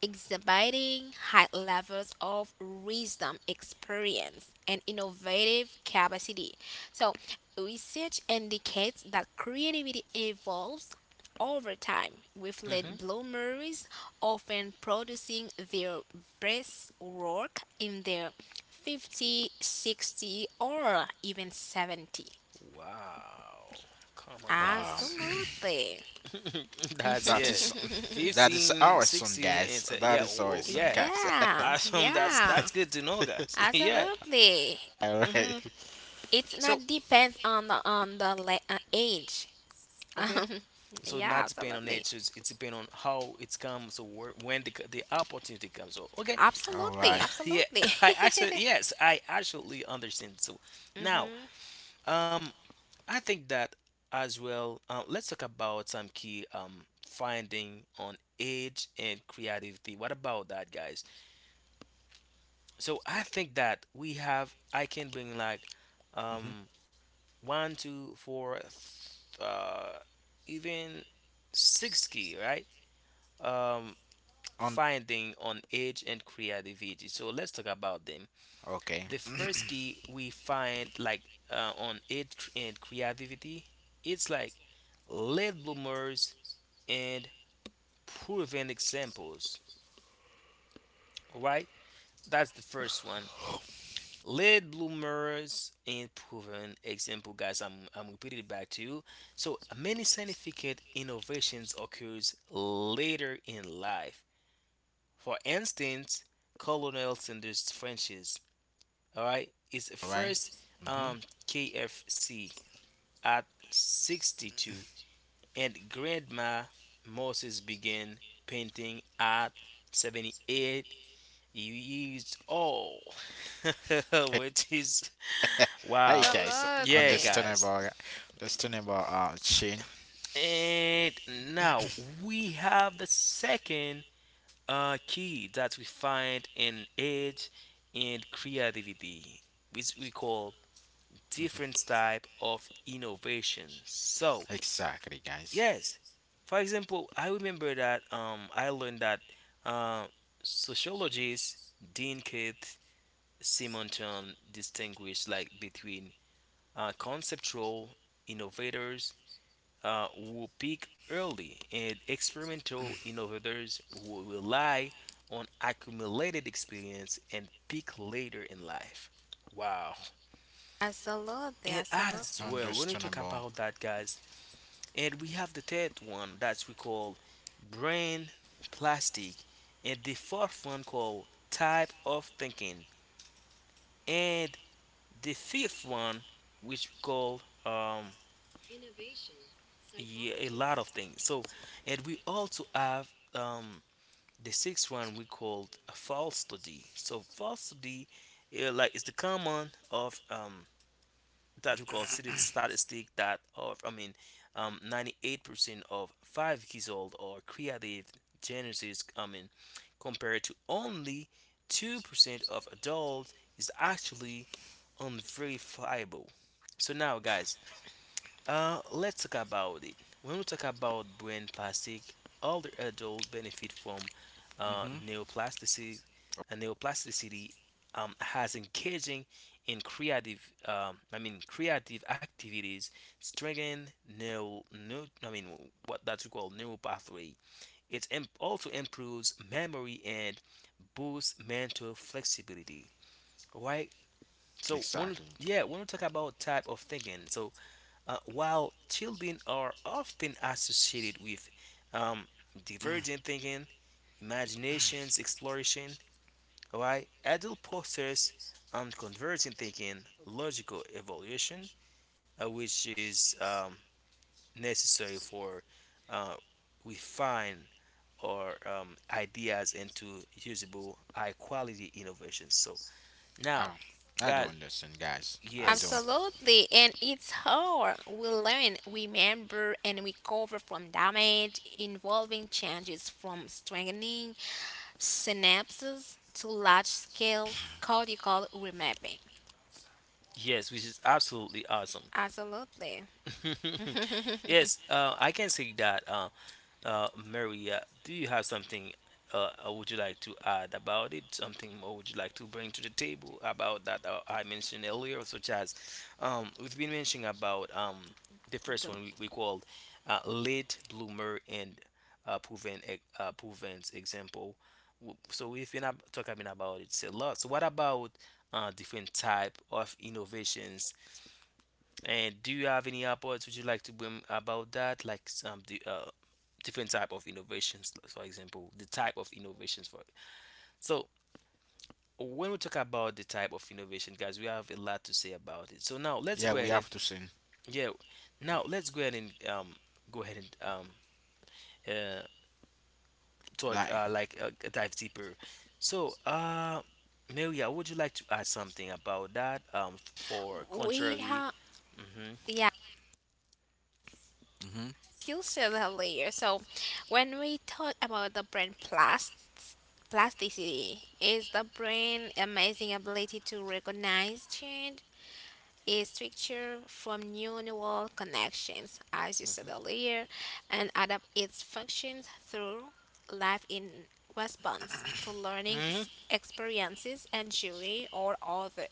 B: exhibiting high levels of wisdom, experience, and innovative capacity. So, research indicates that creativity evolves over time, with late
C: Hmm.
B: bloomers often producing their best work in their fifty, sixty, or even seventy.
C: Wow. Come on,
A: Um,
C: guys.
B: Absolutely.
C: that's
A: that
C: it.
A: is that is
C: fifteen,
A: awesome,
C: sixteen,
A: guys.
C: and so,
A: That
C: yeah,
A: is
C: oh, oh,
A: awesome,
C: yeah.
A: guys.
B: Yeah,
C: Awesome. That's
B: yeah,
C: that's good to know, guys. yeah.
B: absolutely.
A: all right,
C: Hmm.
B: It's
C: So
B: not depends on the on the la- uh, age.
C: okay.
B: Um,
C: So
B: yeah,
C: not depend on
B: absolutely,
C: age. It's, it's depend on how it's come. So where, when the, the opportunity comes. So okay.
A: all
B: absolutely,
A: right.
C: Yeah.
B: absolutely,
C: I actually yes. I actually understand. So now, um, I think that as well. Uh, let's talk about some key um finding on age and creativity. What about that, guys? So I think that we have I can bring like
A: Mm-hmm.
C: um one two four th- uh even six key, right? um
A: On
C: Finding on age and creativity, so let's talk about them.
A: okay,
C: The first key we find like, uh, on age cr- and creativity, it's like late bloomers and proven examples, all right, that's the first one. Late bloomers and proven example, guys. I'm I'm repeating it back to you. So many scientific innovations occurs later in life. For instance, Colonel Sanders French's, all right, is
A: all right.
C: first
A: Mm-hmm.
C: um, K F C at sixty-two, and Grandma Moses began painting at seventy-eight years old,
A: Hey,
C: which is, wow.
A: hey, guys.
C: Yeah,
B: absolutely,
C: guys.
A: Understandable, understandable. Uh, chain.
C: And now we have the second uh, key that we find in age and creativity, which we call different type of innovation. So,
A: Exactly, guys.
C: yes, for example, I remember that um, I learned that uh, sociologist Dean Keith Simonton distinguished like between uh, conceptual innovators uh, who pick early and experimental innovators who rely on accumulated experience and pick later in life. Wow.
B: absolutely,
C: And
B: absolutely,
C: as well, when we talk
A: Understandable.
C: about that, guys, and we have the third one that we call brain plastic, and the fourth one called type of thinking, and the fifth one which we call, um yeah, a lot of things. So, and we also have um The sixth one we called a falsity. So falsity, uh, like, is the common of um that we call city statistic that of, I mean, um, ninety eight percent of five years old or creative genesis. I mean, compared to only two percent of adults is actually unverifiable. So now, guys, uh, let's talk about it. When we talk about brain plastic, older adults benefit from uh,
A: Mm-hmm.
C: neoplasticity. And neoplasticity um, has engaging in creative, um, I mean, creative activities strengthen neural, neu I mean, what that we call neural pathway. It em- also improves memory and boosts mental flexibility. Right. So when,
A: Exactly.
C: yeah, when we talk about type of thinking, so uh, while children are often associated with um, divergent thinking, imaginations, exploration, all right, adult posters um, convergent thinking, logical evaluation, uh, which is, um, necessary for uh, refine our, um, ideas into usable, high quality innovations. So
A: Um,
C: now,
A: I do
C: guys,
A: understand, guys. I do.
C: yes,
B: absolutely. And it's how we learn, we remember, and recover from damage involving changes from strengthening synapses to large-scale cortical remapping.
C: yes, which is absolutely awesome.
B: Absolutely,
C: Yes, uh, I can say that, uh, uh, Maria, do you have something uh, uh, would you like to add about it? Something more would you like to bring to the table about that uh, I mentioned earlier, such as, um, we've been mentioning about, um, the first
B: the,
C: one we, we called, uh, late bloomer and uh, proven e- uh, proven example. W- So we've been ab- talking about it a lot. So what about uh, different type of innovations, and do you have any upwards would you like to bring about that? Like some the, uh, different type of innovations, for example, the type of innovations for it? So when we talk about the type of innovation, guys, we have a lot to say about it. So now
A: Yeah,
C: let's go
A: we
C: ahead
A: have
C: and,
A: to sing.
C: yeah, now let's go ahead and um go ahead and um uh talk,
A: Like,
C: uh like, uh, dive deeper. So uh Maria, would you like to add something about that? Um, f- for
B: we
C: contrary.
B: have.
C: Mm-hmm.
B: Yeah,
A: mm-hmm.
B: you said earlier. So, when we talk about the brain plast- plasticity, is the brain amazing ability to recognize change is structured from neural connections, as you said
C: Mm-hmm.
B: earlier, and adapt its functions through life in response to learning
C: Mm-hmm.
B: ex- experiences and joy or other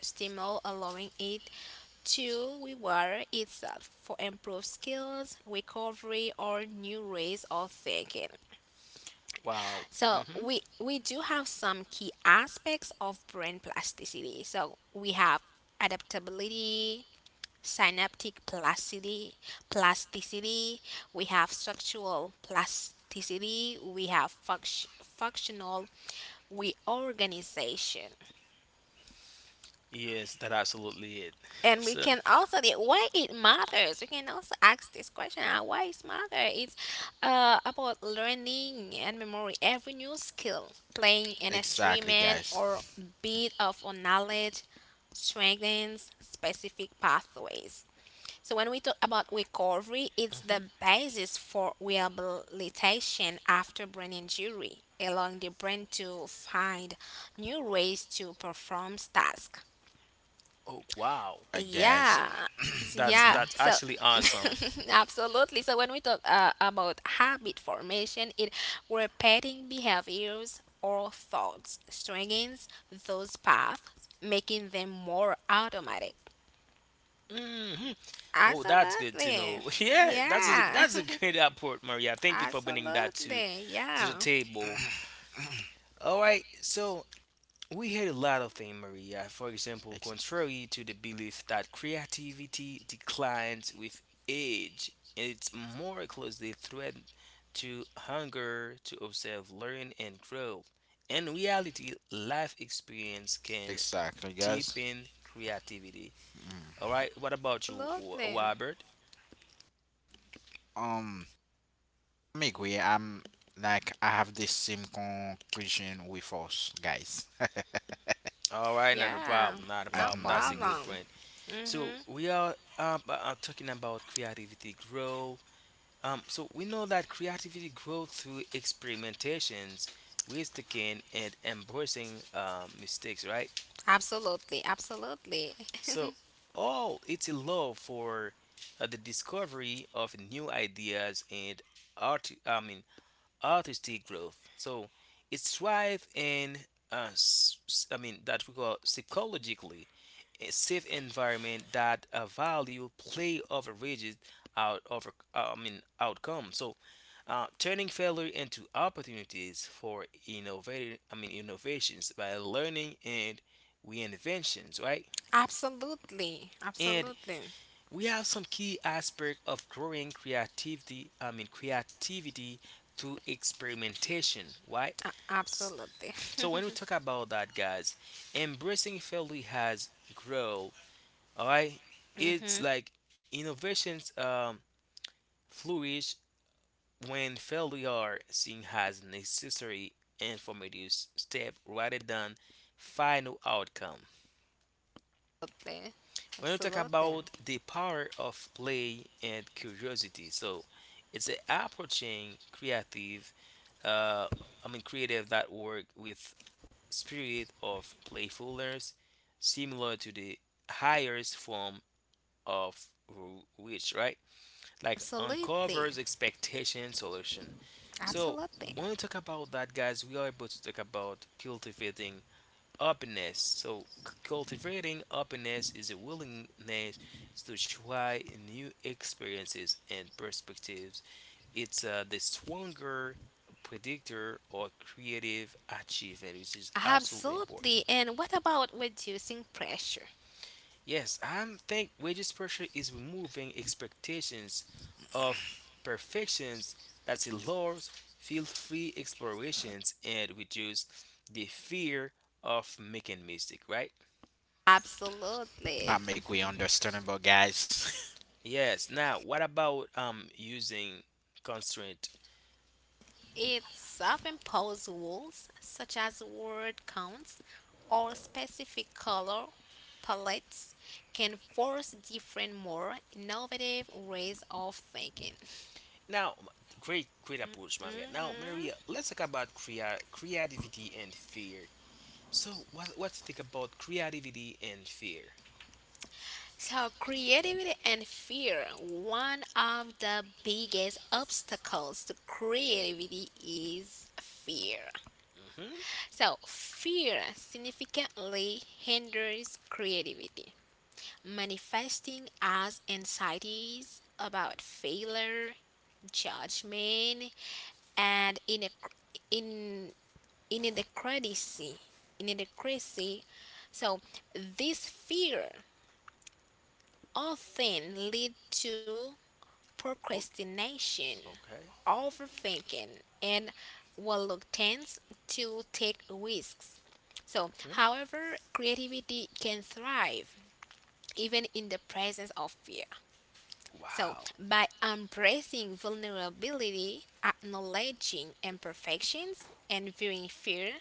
B: stimuli, allowing it to reward itself for improved skills, recovery, or new ways of thinking.
C: Wow.
B: So
C: Mm-hmm.
B: we we do have some key aspects of brain plasticity. So we have adaptability, synaptic plasticity, plasticity. We have structural plasticity. We have funct- functional reorganization.
C: Yes, that absolutely it.
B: And we
C: So,
B: can also the why it matters. We can also ask this question: uh, Why it matters? It's uh, about learning and memory. Every new skill, playing an
A: Exactly,
B: instrument or
A: guys.
B: bit of knowledge strengthens specific pathways. So when we talk about recovery, it's
C: mhm.
B: the basis for rehabilitation after brain injury, allowing the brain to find new ways to perform tasks.
C: Oh, wow,
A: I guess.
B: Yeah,
C: that's
A: Mm-hmm.
B: yeah.
C: that's
B: So
C: actually awesome.
B: absolutely. So when we talk uh, about habit formation, it repeating behaviors or thoughts strengthens those paths, making them more automatic.
C: Hmm. Oh, that's good to
B: Absolutely.
C: know. Yeah, that's a
B: Yeah.
C: that's a great report, Maria. Thank you for bringing that to
B: Absolutely.
C: to the
B: Yeah.
C: table. All right, so we heard a lot of things, Maria. For example, contrary to the belief that creativity declines with age, it's more closely thread to hunger to observe, learn, and grow. In reality, life experience can
A: Exactly, guys.
C: deepen creativity.
A: Mm.
C: All right, what about you, Wa-
B: Absolutely.
C: Robert?
A: Um, I'm agree. I'm like I have the same conclusion with us, guys.
C: All right, not a
B: Yeah.
C: problem, not a
B: No
C: problem.
A: Um,
C: That's a good
B: problem.
C: point. So
B: Mhm.
C: we are um, uh, uh, talking about creativity, growth. Um, so we know that creativity grows through experimentations, risk taking, and embracing, um, mistakes, right?
B: Absolutely. Absolutely.
C: So all it's a love for uh, the discovery of new ideas and art. I mean, artistic growth. So it thrives in, uh, s- s- I mean, that we call psychologically a safe environment that uh, value play over rigid out over, uh, I mean, outcome. So uh, turning failure into opportunities for innovative, I mean, innovations by learning and reinventions, right?
B: Absolutely.
C: And
B: Absolutely.
C: we have some key aspect of growing creativity, I mean creativity through experimentation, right?
B: Absolutely.
C: So when we talk about that, guys, embracing failure has grow. All right, it's
B: Mhm.
C: like innovations um, flourish when failure are seen as necessary informative step rather than final outcome.
B: Absolutely.
C: When we talk
B: Absolutely.
C: about the power of play and curiosity, so it's a approaching creative, uh, I mean creative that work with spirit of playfulness, similar to the highest form of which, right? Like
B: Absolutely.
C: uncovers expectation solution. So
B: Absolutely.
C: when we talk about that, guys, we are able to talk about cultivating openness. So c- cultivating openness is a willingness to try new experiences and perspectives. It's uh, the stronger predictor or creative achievement, which is absolutely important.
B: Absolutely. And what about reducing pressure?
C: Yes, I think wages pressure is removing expectations of perfections that allows feel-free explorations and reduce the fear of making mistake, right?
B: Absolutely.
A: I'm agree. Understandable, guys.
C: Yes. Now, what about um using constraint?
B: It self imposed rules, such as word counts or specific color palettes, can force different, more innovative ways of thinking.
C: Now, great, great approach, Maria. Now,
B: Mhm.
C: Maria, let's talk about crea- creativity and fear. So, what what to think about creativity and fear?
B: So, creativity and fear. One of the biggest obstacles to creativity is fear.
C: Mm-hmm.
B: So, fear significantly hinders creativity, manifesting as anxieties about failure, judgment, and in in inadequacy. Inadequacy. So this fear often lead to procrastination,
C: Okay.
B: overthinking, and reluctance to take risks. So,
C: Hmm?
B: however, creativity can thrive even in the presence of fear. So,
C: Wow.
B: by embracing vulnerability, acknowledging imperfections, and viewing fear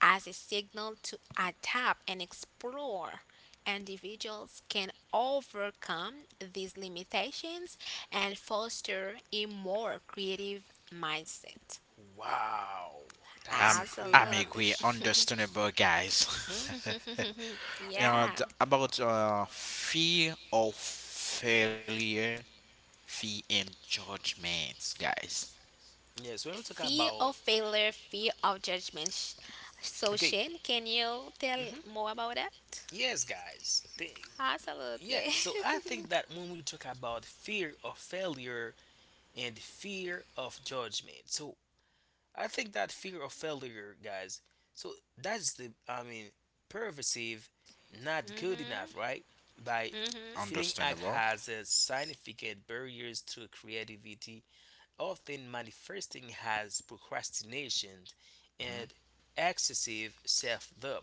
B: as a signal to adapt and explore, individuals can overcome these limitations and foster a more creative mindset.
C: Wow, that's a
A: I'm
C: great
A: I'm
B: Absolutely.
A: agree.
C: approach.
A: Understandable, guys.
C: Hmm.
B: Yeah.
A: and about uh, fear of failure, fear and judgments, guys.
C: Yes, when we talk
B: Fear
C: about
B: of failure, fear of judgment. Sh- So,
C: okay.
B: Shane, can you tell
C: Hmm.
B: more about that?
C: Yes, guys, they, yeah.
B: Absolutely.
C: So I think that when we talk about fear of failure and fear of judgment, so I think that fear of failure, guys, so that's the I mean pervasive, not good enough, right?
B: Mm-hmm.
C: By
B: Mm-hmm.
C: feeling act
A: Understandable.
C: has a significant barriers to creativity, often manifesting as procrastination
A: Mm-hmm.
C: and excessive self-doubt.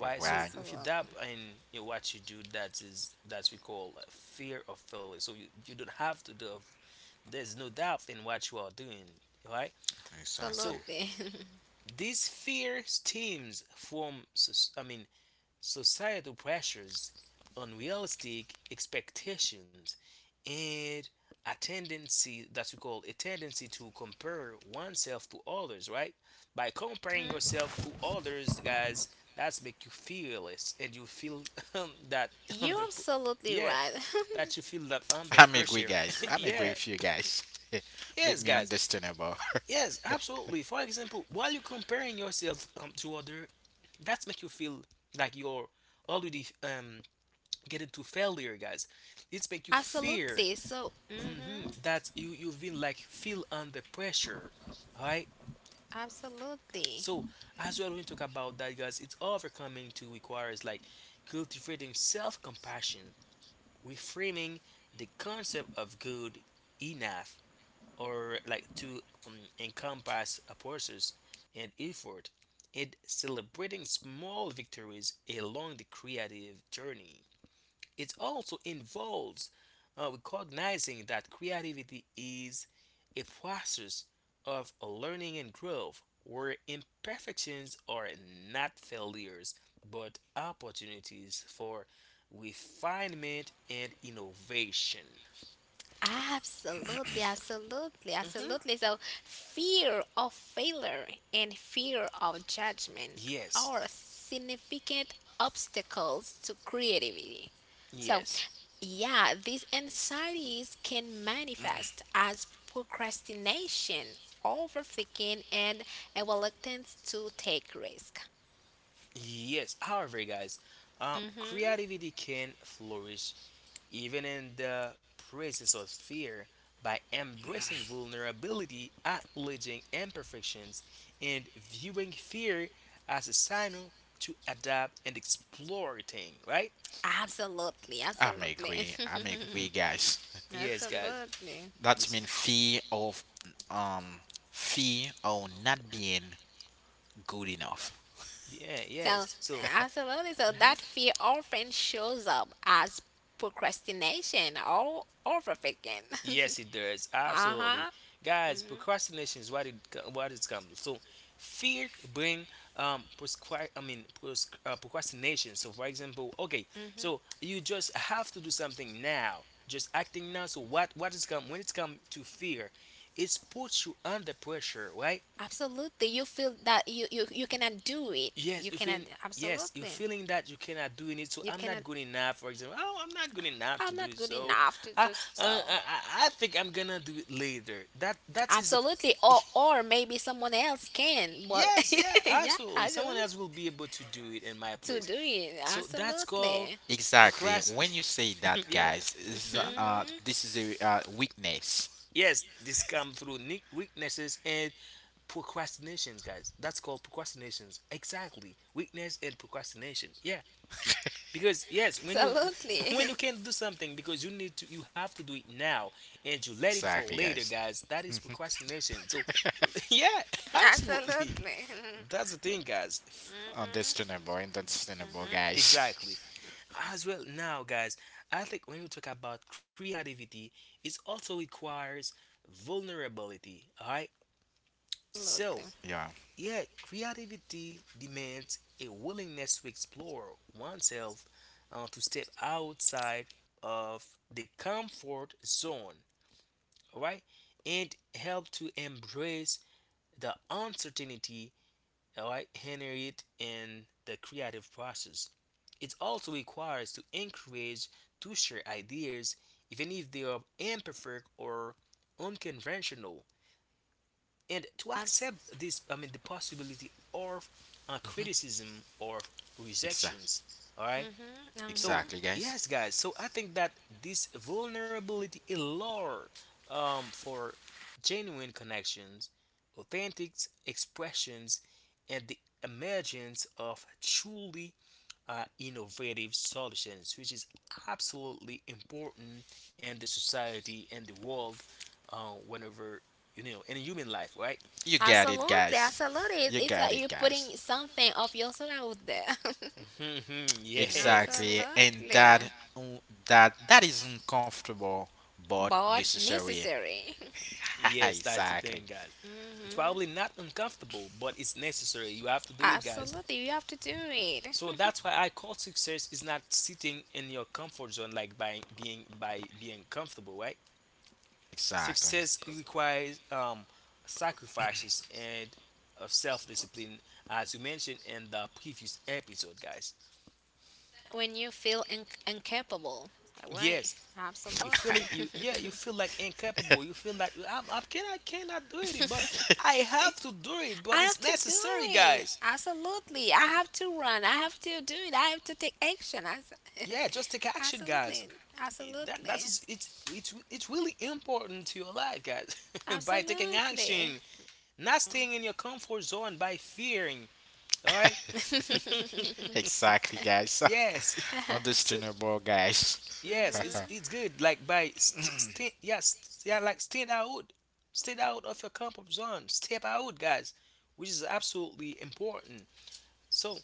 A: All
C: So
A: right.
C: if you doubt
B: Absolutely.
C: in, you know, what you do, that is that we call uh, fear of failure. So you, you don't have to do. There's no doubt in what you are doing. Right?
A: Exactly.
C: So
B: Absolutely.
C: this fear stems from, I mean, societal pressures, unrealistic expectations, and a tendency that we call a tendency to compare oneself to others, right? By comparing
B: Mhm.
C: yourself to others, guys, that's make you feel less and you feel, um, that
B: You're
C: under pr-
B: absolutely
C: yeah,
B: right.
C: that you feel that under
A: I'm agree,
C: pressure.
A: guys. I'm agree
C: Yeah.
A: with you guys. Make
C: Yes,
A: me
C: guys.
A: understandable.
C: Yes, absolutely. For example, while you're comparing yourself, um, to other, that's make you feel like you're already um get into failure, guys, it's make you fear.
B: Absolutely. So,
C: Hmm.
B: mm-hmm,
C: That you you've been like feel under pressure, all right,
B: absolutely.
C: so as well when we talk about that, guys, it's overcoming to requires like cultivating self-compassion, reframing the concept of good enough, or like to, um, encompass a process and effort and celebrating small victories along the creative journey. It also involves uh, recognizing that creativity is a process of learning and growth where imperfections are not failures but opportunities for refinement and innovation.
B: Absolutely, absolutely,
C: Hmm.
B: absolutely. So, fear of failure and fear of judgment
C: Yes,
B: are significant obstacles to creativity. So,
C: yes,
B: yeah, these anxieties can manifest as procrastination, overthinking, and a reluctance to take risk.
C: yes. However, guys, um,
B: Hmm.
C: creativity can flourish even in the presence of fear, by embracing vulnerability, acknowledging imperfections, and viewing fear as a signal to adapt and explore things, right?
B: Absolutely,
A: I may
B: absolutely,
A: agree. I may agree, guys.
C: Yes, guys,
B: absolutely.
A: That's
C: this
A: mean
C: is,
A: fear of um fear of not being good enough.
C: yeah,
B: So,
C: yes. So,
B: absolutely. So,
C: mhm.
B: that fear often shows up as procrastination or overthinking.
C: Yes, it does.
B: Uh
C: Absolutely.
B: huh. Hmm.
C: Guys, procrastination is what it co- what it's come. So fear bring um prescri- I mean pros- uh, procrastination. So for example, okay, so you just have to do something now. Just acting now. So what what is come when it's come to fear, it's puts you under pressure, right?
B: Absolutely. You feel that you, you, you cannot do it.
C: Yes,
B: You
C: you
B: cannot,
C: feel yes, you
B: absolutely.
C: feeling that you cannot do it. So
B: You
C: I'm
B: cannot,
C: not good enough. For example, oh, I'm not good enough to
B: I'm
C: do
B: not
C: it.
B: good
C: So
B: enough to
C: I, uh,
B: do
C: I,
B: so.
C: I I think I'm gonna do it later. That that is.
B: Absolutely. Or,
C: A-
B: or maybe someone else can, but
C: Yes, yeah,
B: yeah,
C: absolutely.
B: to
C: Someone else will be able to do it in my
B: to do
C: place.
B: it.
C: So that's called
B: Absolutely.
A: Exactly.
C: procrast.
A: When you say that,
C: yeah.
A: guys, this is
C: Mhm.
A: uh
B: Mhm.
A: this is a uh, weakness.
C: Yes, this come through ne- weaknesses and procrastinations, guys. That's called procrastinations. Exactly. Weakness and procrastination. Yeah. Because yes, when you when
B: Absolutely.
C: you can do something because you need to, you have to do it now and you let it for
A: Exactly,
C: later,
A: guys.
C: guys, that is
A: Mhm.
C: procrastination. So yeah, absolutely,
B: Absolutely.
C: that's the thing, guys. F-
B: Mhm.
A: Understandable, understandable, guys.
C: exactly. As well, now, guys, I think when you talk about creativity, it also requires vulnerability, all right? So
B: Absolutely.
A: Yeah.
C: yet creativity demands a willingness to explore oneself, uh, to step outside of the comfort zone, all right, and help to embrace the uncertainty, all right, inherent in the creative process. It also requires to encourage to share ideas, even if they are imperfect or unconventional, and to accept
B: Abs-
C: this I mean the possibility of uh, criticism or
A: Exa-
C: rejections, all right.
B: mm-hmm, mm-hmm.
C: So
A: exactly, guys.
C: yes, guys, so I think that this vulnerability allure um, for genuine connections, authentic expressions, and the emergence of truly uh, innovative solutions, which is absolutely important in the society and the world, uh, whenever, you know, in human life, right?
A: You got it,
B: Absolutely.
A: guys.
B: Absolutely. It-
A: You
B: It's
A: got
B: like
A: it,
B: you're
A: guys.
B: putting something of yourself out there.
C: Hmm. Yes.
A: Exactly, and
B: Absolutely.
A: that mm, that that is uncomfortable but
B: But
A: necessary.
B: necessary.
C: Yes, that's the thing,
A: exactly.
C: guys. It's probably
B: Mm-hmm.
C: not uncomfortable, but it's necessary. You have to do it, guys.
B: Absolutely. You have to do it
C: So that's why I call success is not sitting in your comfort zone, like, by being by being comfortable, right?
A: Exactly.
C: Success requires um sacrifices and of self-discipline, as you mentioned in the previous episode, guys.
B: when you feel in- incapable. Right.
C: Yes. You
B: Absolutely.
C: feeling you, yeah, you feel like incapable. You feel like you, I'm, I can, I cannot do it, but I have to do it. But
B: I
C: it's
B: have to do
C: necessary,
B: it.
C: guys.
B: Absolutely. I have to run. I have to do it. I have to take action. As-
C: Yeah, just take action,
B: Absolutely.
C: guys. It- That
B: Absolutely.
C: that is, it's it's it's really important to your life, guys. By taking
B: Absolutely.
C: action, not staying in your comfort zone by fearing. All right.
A: Exactly, guys.
C: Yes. So
A: Understandable, guys.
C: yes, it's it's
B: Mm-hmm.
C: good. Like, by st- st- yeah, st- yeah, like, stand out, stand out of your comfort zone. Step out, guys, which is absolutely important. So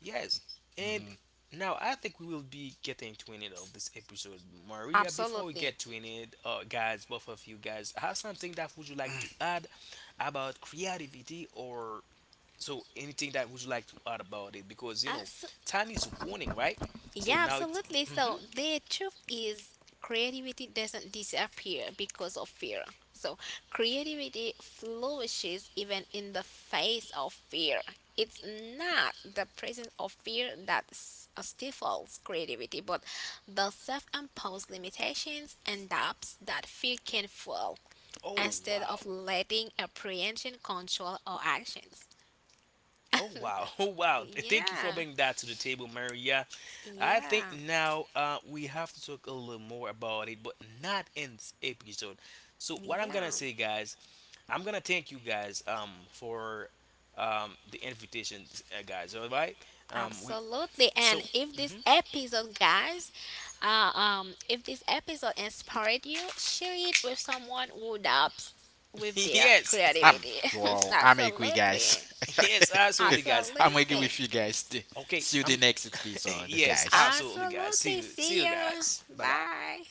C: yes, and
A: hmm
C: now I think we will be getting to an end of this episode, Maria. Before we
B: Absolutely.
C: get to an end, uh, guys, both of you guys have something that would you like to add about creativity, or so anything that would you like to add about it? Because, you know,
B: Abso-
C: time is warning, right? So
B: yeah,
C: now it's.
B: absolutely.
C: Hmm.
B: So the truth is creativity doesn't disappear because of fear. So creativity flourishes even in the face of fear. It's not the presence of fear that s- stifles creativity, but the self-imposed limitations and doubts that fear can fuel
C: Oh
B: instead
C: wow!
B: of letting apprehension control our actions.
C: Oh wow! Oh wow! Thank you for
B: Yeah.
C: bringing that to the table, Maria. I think
B: Yeah,
C: now uh, we have to talk a little more about it, but not in this episode. So what I'm gonna
B: yeah,
C: say, guys, I'm gonna thank you guys um for um the invitation, uh, guys. All right? Um, we
B: absolutely.
C: so
B: And if this
C: mhm.
B: episode, guys, uh, um, if this episode inspired you, share it with someone who dabs with their
C: yes,
A: I'm
B: creativity.
A: wow. I'm agree,
B: Absolutely,
A: guys.
C: yes, absolutely, guys.
A: I'm agree
B: absolutely,
A: with you guys.
C: Okay,
A: See you the
C: I'm
A: next episode,
C: yes,
A: guys.
C: absolutely, guys. See
B: absolutely.
C: you, see
B: See
C: you,
B: you.
C: guys. Bye bye.
B: Bye.